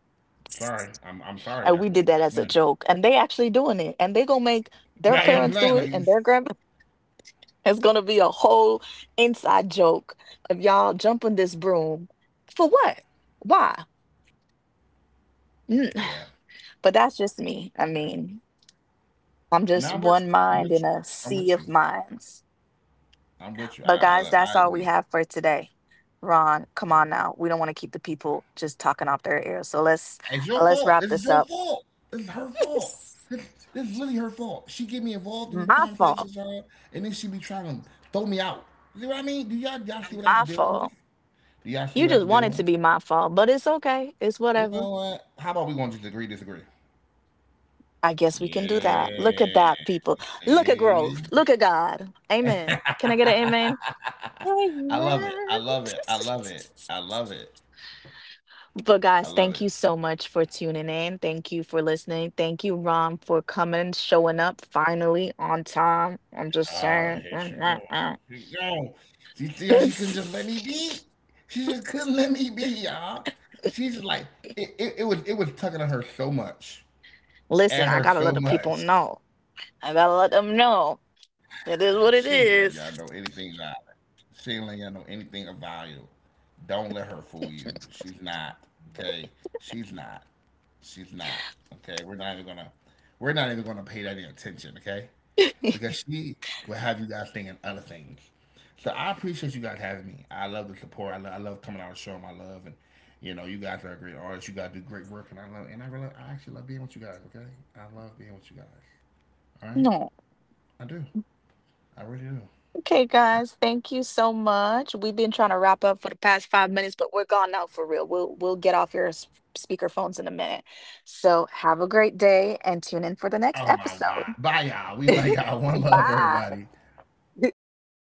S2: Sorry, I'm
S1: And we
S2: sorry.
S1: did
S2: That's
S1: that
S2: what
S1: as a
S2: tradition is.
S1: joke. And they actually doing it. And they gonna make
S2: Now, you know what I'm
S1: their
S2: saying? Like,
S1: parents do it and their grandpa. It's gonna be a whole inside joke of y'all jumping this broom. For what? Why? Mm,
S2: yeah,
S1: but that's just me. I
S2: yeah.
S1: mean, I'm
S2: No,
S1: just
S2: I'm with you.
S1: one
S2: I'm
S1: mind in
S2: with you.
S1: a
S2: I'm
S1: sea
S2: with
S1: of
S2: you.
S1: minds.
S2: I'm with you.
S1: But guys,
S2: Look, I
S1: that's all we
S2: agree.
S1: have for today. Ron, come on now. We don't want to keep the people just talking off their ears. So
S2: It's your
S1: let's
S2: fault.
S1: wrap
S2: This is
S1: this
S2: your
S1: up.
S2: fault. This is her fault. This, this is literally her fault. She get me involved in these
S1: My fault.
S2: conversations, y'all, and then she be trying to throw me out. You know what I mean? Do y'all see what I have to
S1: My
S2: deal with?
S1: fault.
S2: Do y'all see
S1: You
S2: what I have
S1: just
S2: to
S1: want
S2: deal
S1: it to
S2: with?
S1: be my fault, but it's okay. It's
S2: You
S1: whatever.
S2: know what? How about we gonna just agree disagree?
S1: I guess we can do that. Look at
S2: Yeah.
S1: that, people. Look at
S2: See?
S1: growth. Look at God. Amen. Can I get an
S2: I
S1: amen? Amen.
S2: love it. I love it. I love it. I love it. I
S1: But
S2: love it.
S1: guys, thank you so much for tuning in. Thank you for listening. Thank you, Rom, for coming, showing up finally on time. I'm just
S2: Ah,
S1: saying.
S2: here she go. Here she go. She see how she couldn't just let me be? She just couldn't let me be, y'all. She's like it was tugging at her so much.
S1: Listen,
S2: At
S1: I
S2: her
S1: gotta let
S2: so
S1: the people
S2: much.
S1: know. I gotta let them know. It
S2: She
S1: is
S2: ain't
S1: what
S2: let
S1: it
S2: y'all know
S1: is.
S2: anything about it. She ain't let y'all know anything of value. Don't let her fool you. She's not. Okay. She's not. She's not. Okay. We're not even gonna pay that any attention, okay? Because she will have you guys thinking other things. So I appreciate you guys having me. I love the support. I love coming out and showing my love and you guys are a great artist. You guys do great work and I love and I actually love being with you guys, okay? I love being with you guys. All right?
S1: No.
S2: I do. I really do.
S1: Okay, guys. Thank you so much. We've been trying to wrap up for the past 5 minutes, but we're gone now for real. We'll get off your speaker phones in a
S2: Oh
S1: minute.
S2: my God. Bye,
S1: So
S2: y'all. We
S1: have a
S2: love
S1: great
S2: y'all. One
S1: day and
S2: love,
S1: tune in for the
S2: everybody.
S1: next episode.
S2: One love, everybody.
S1: Bye.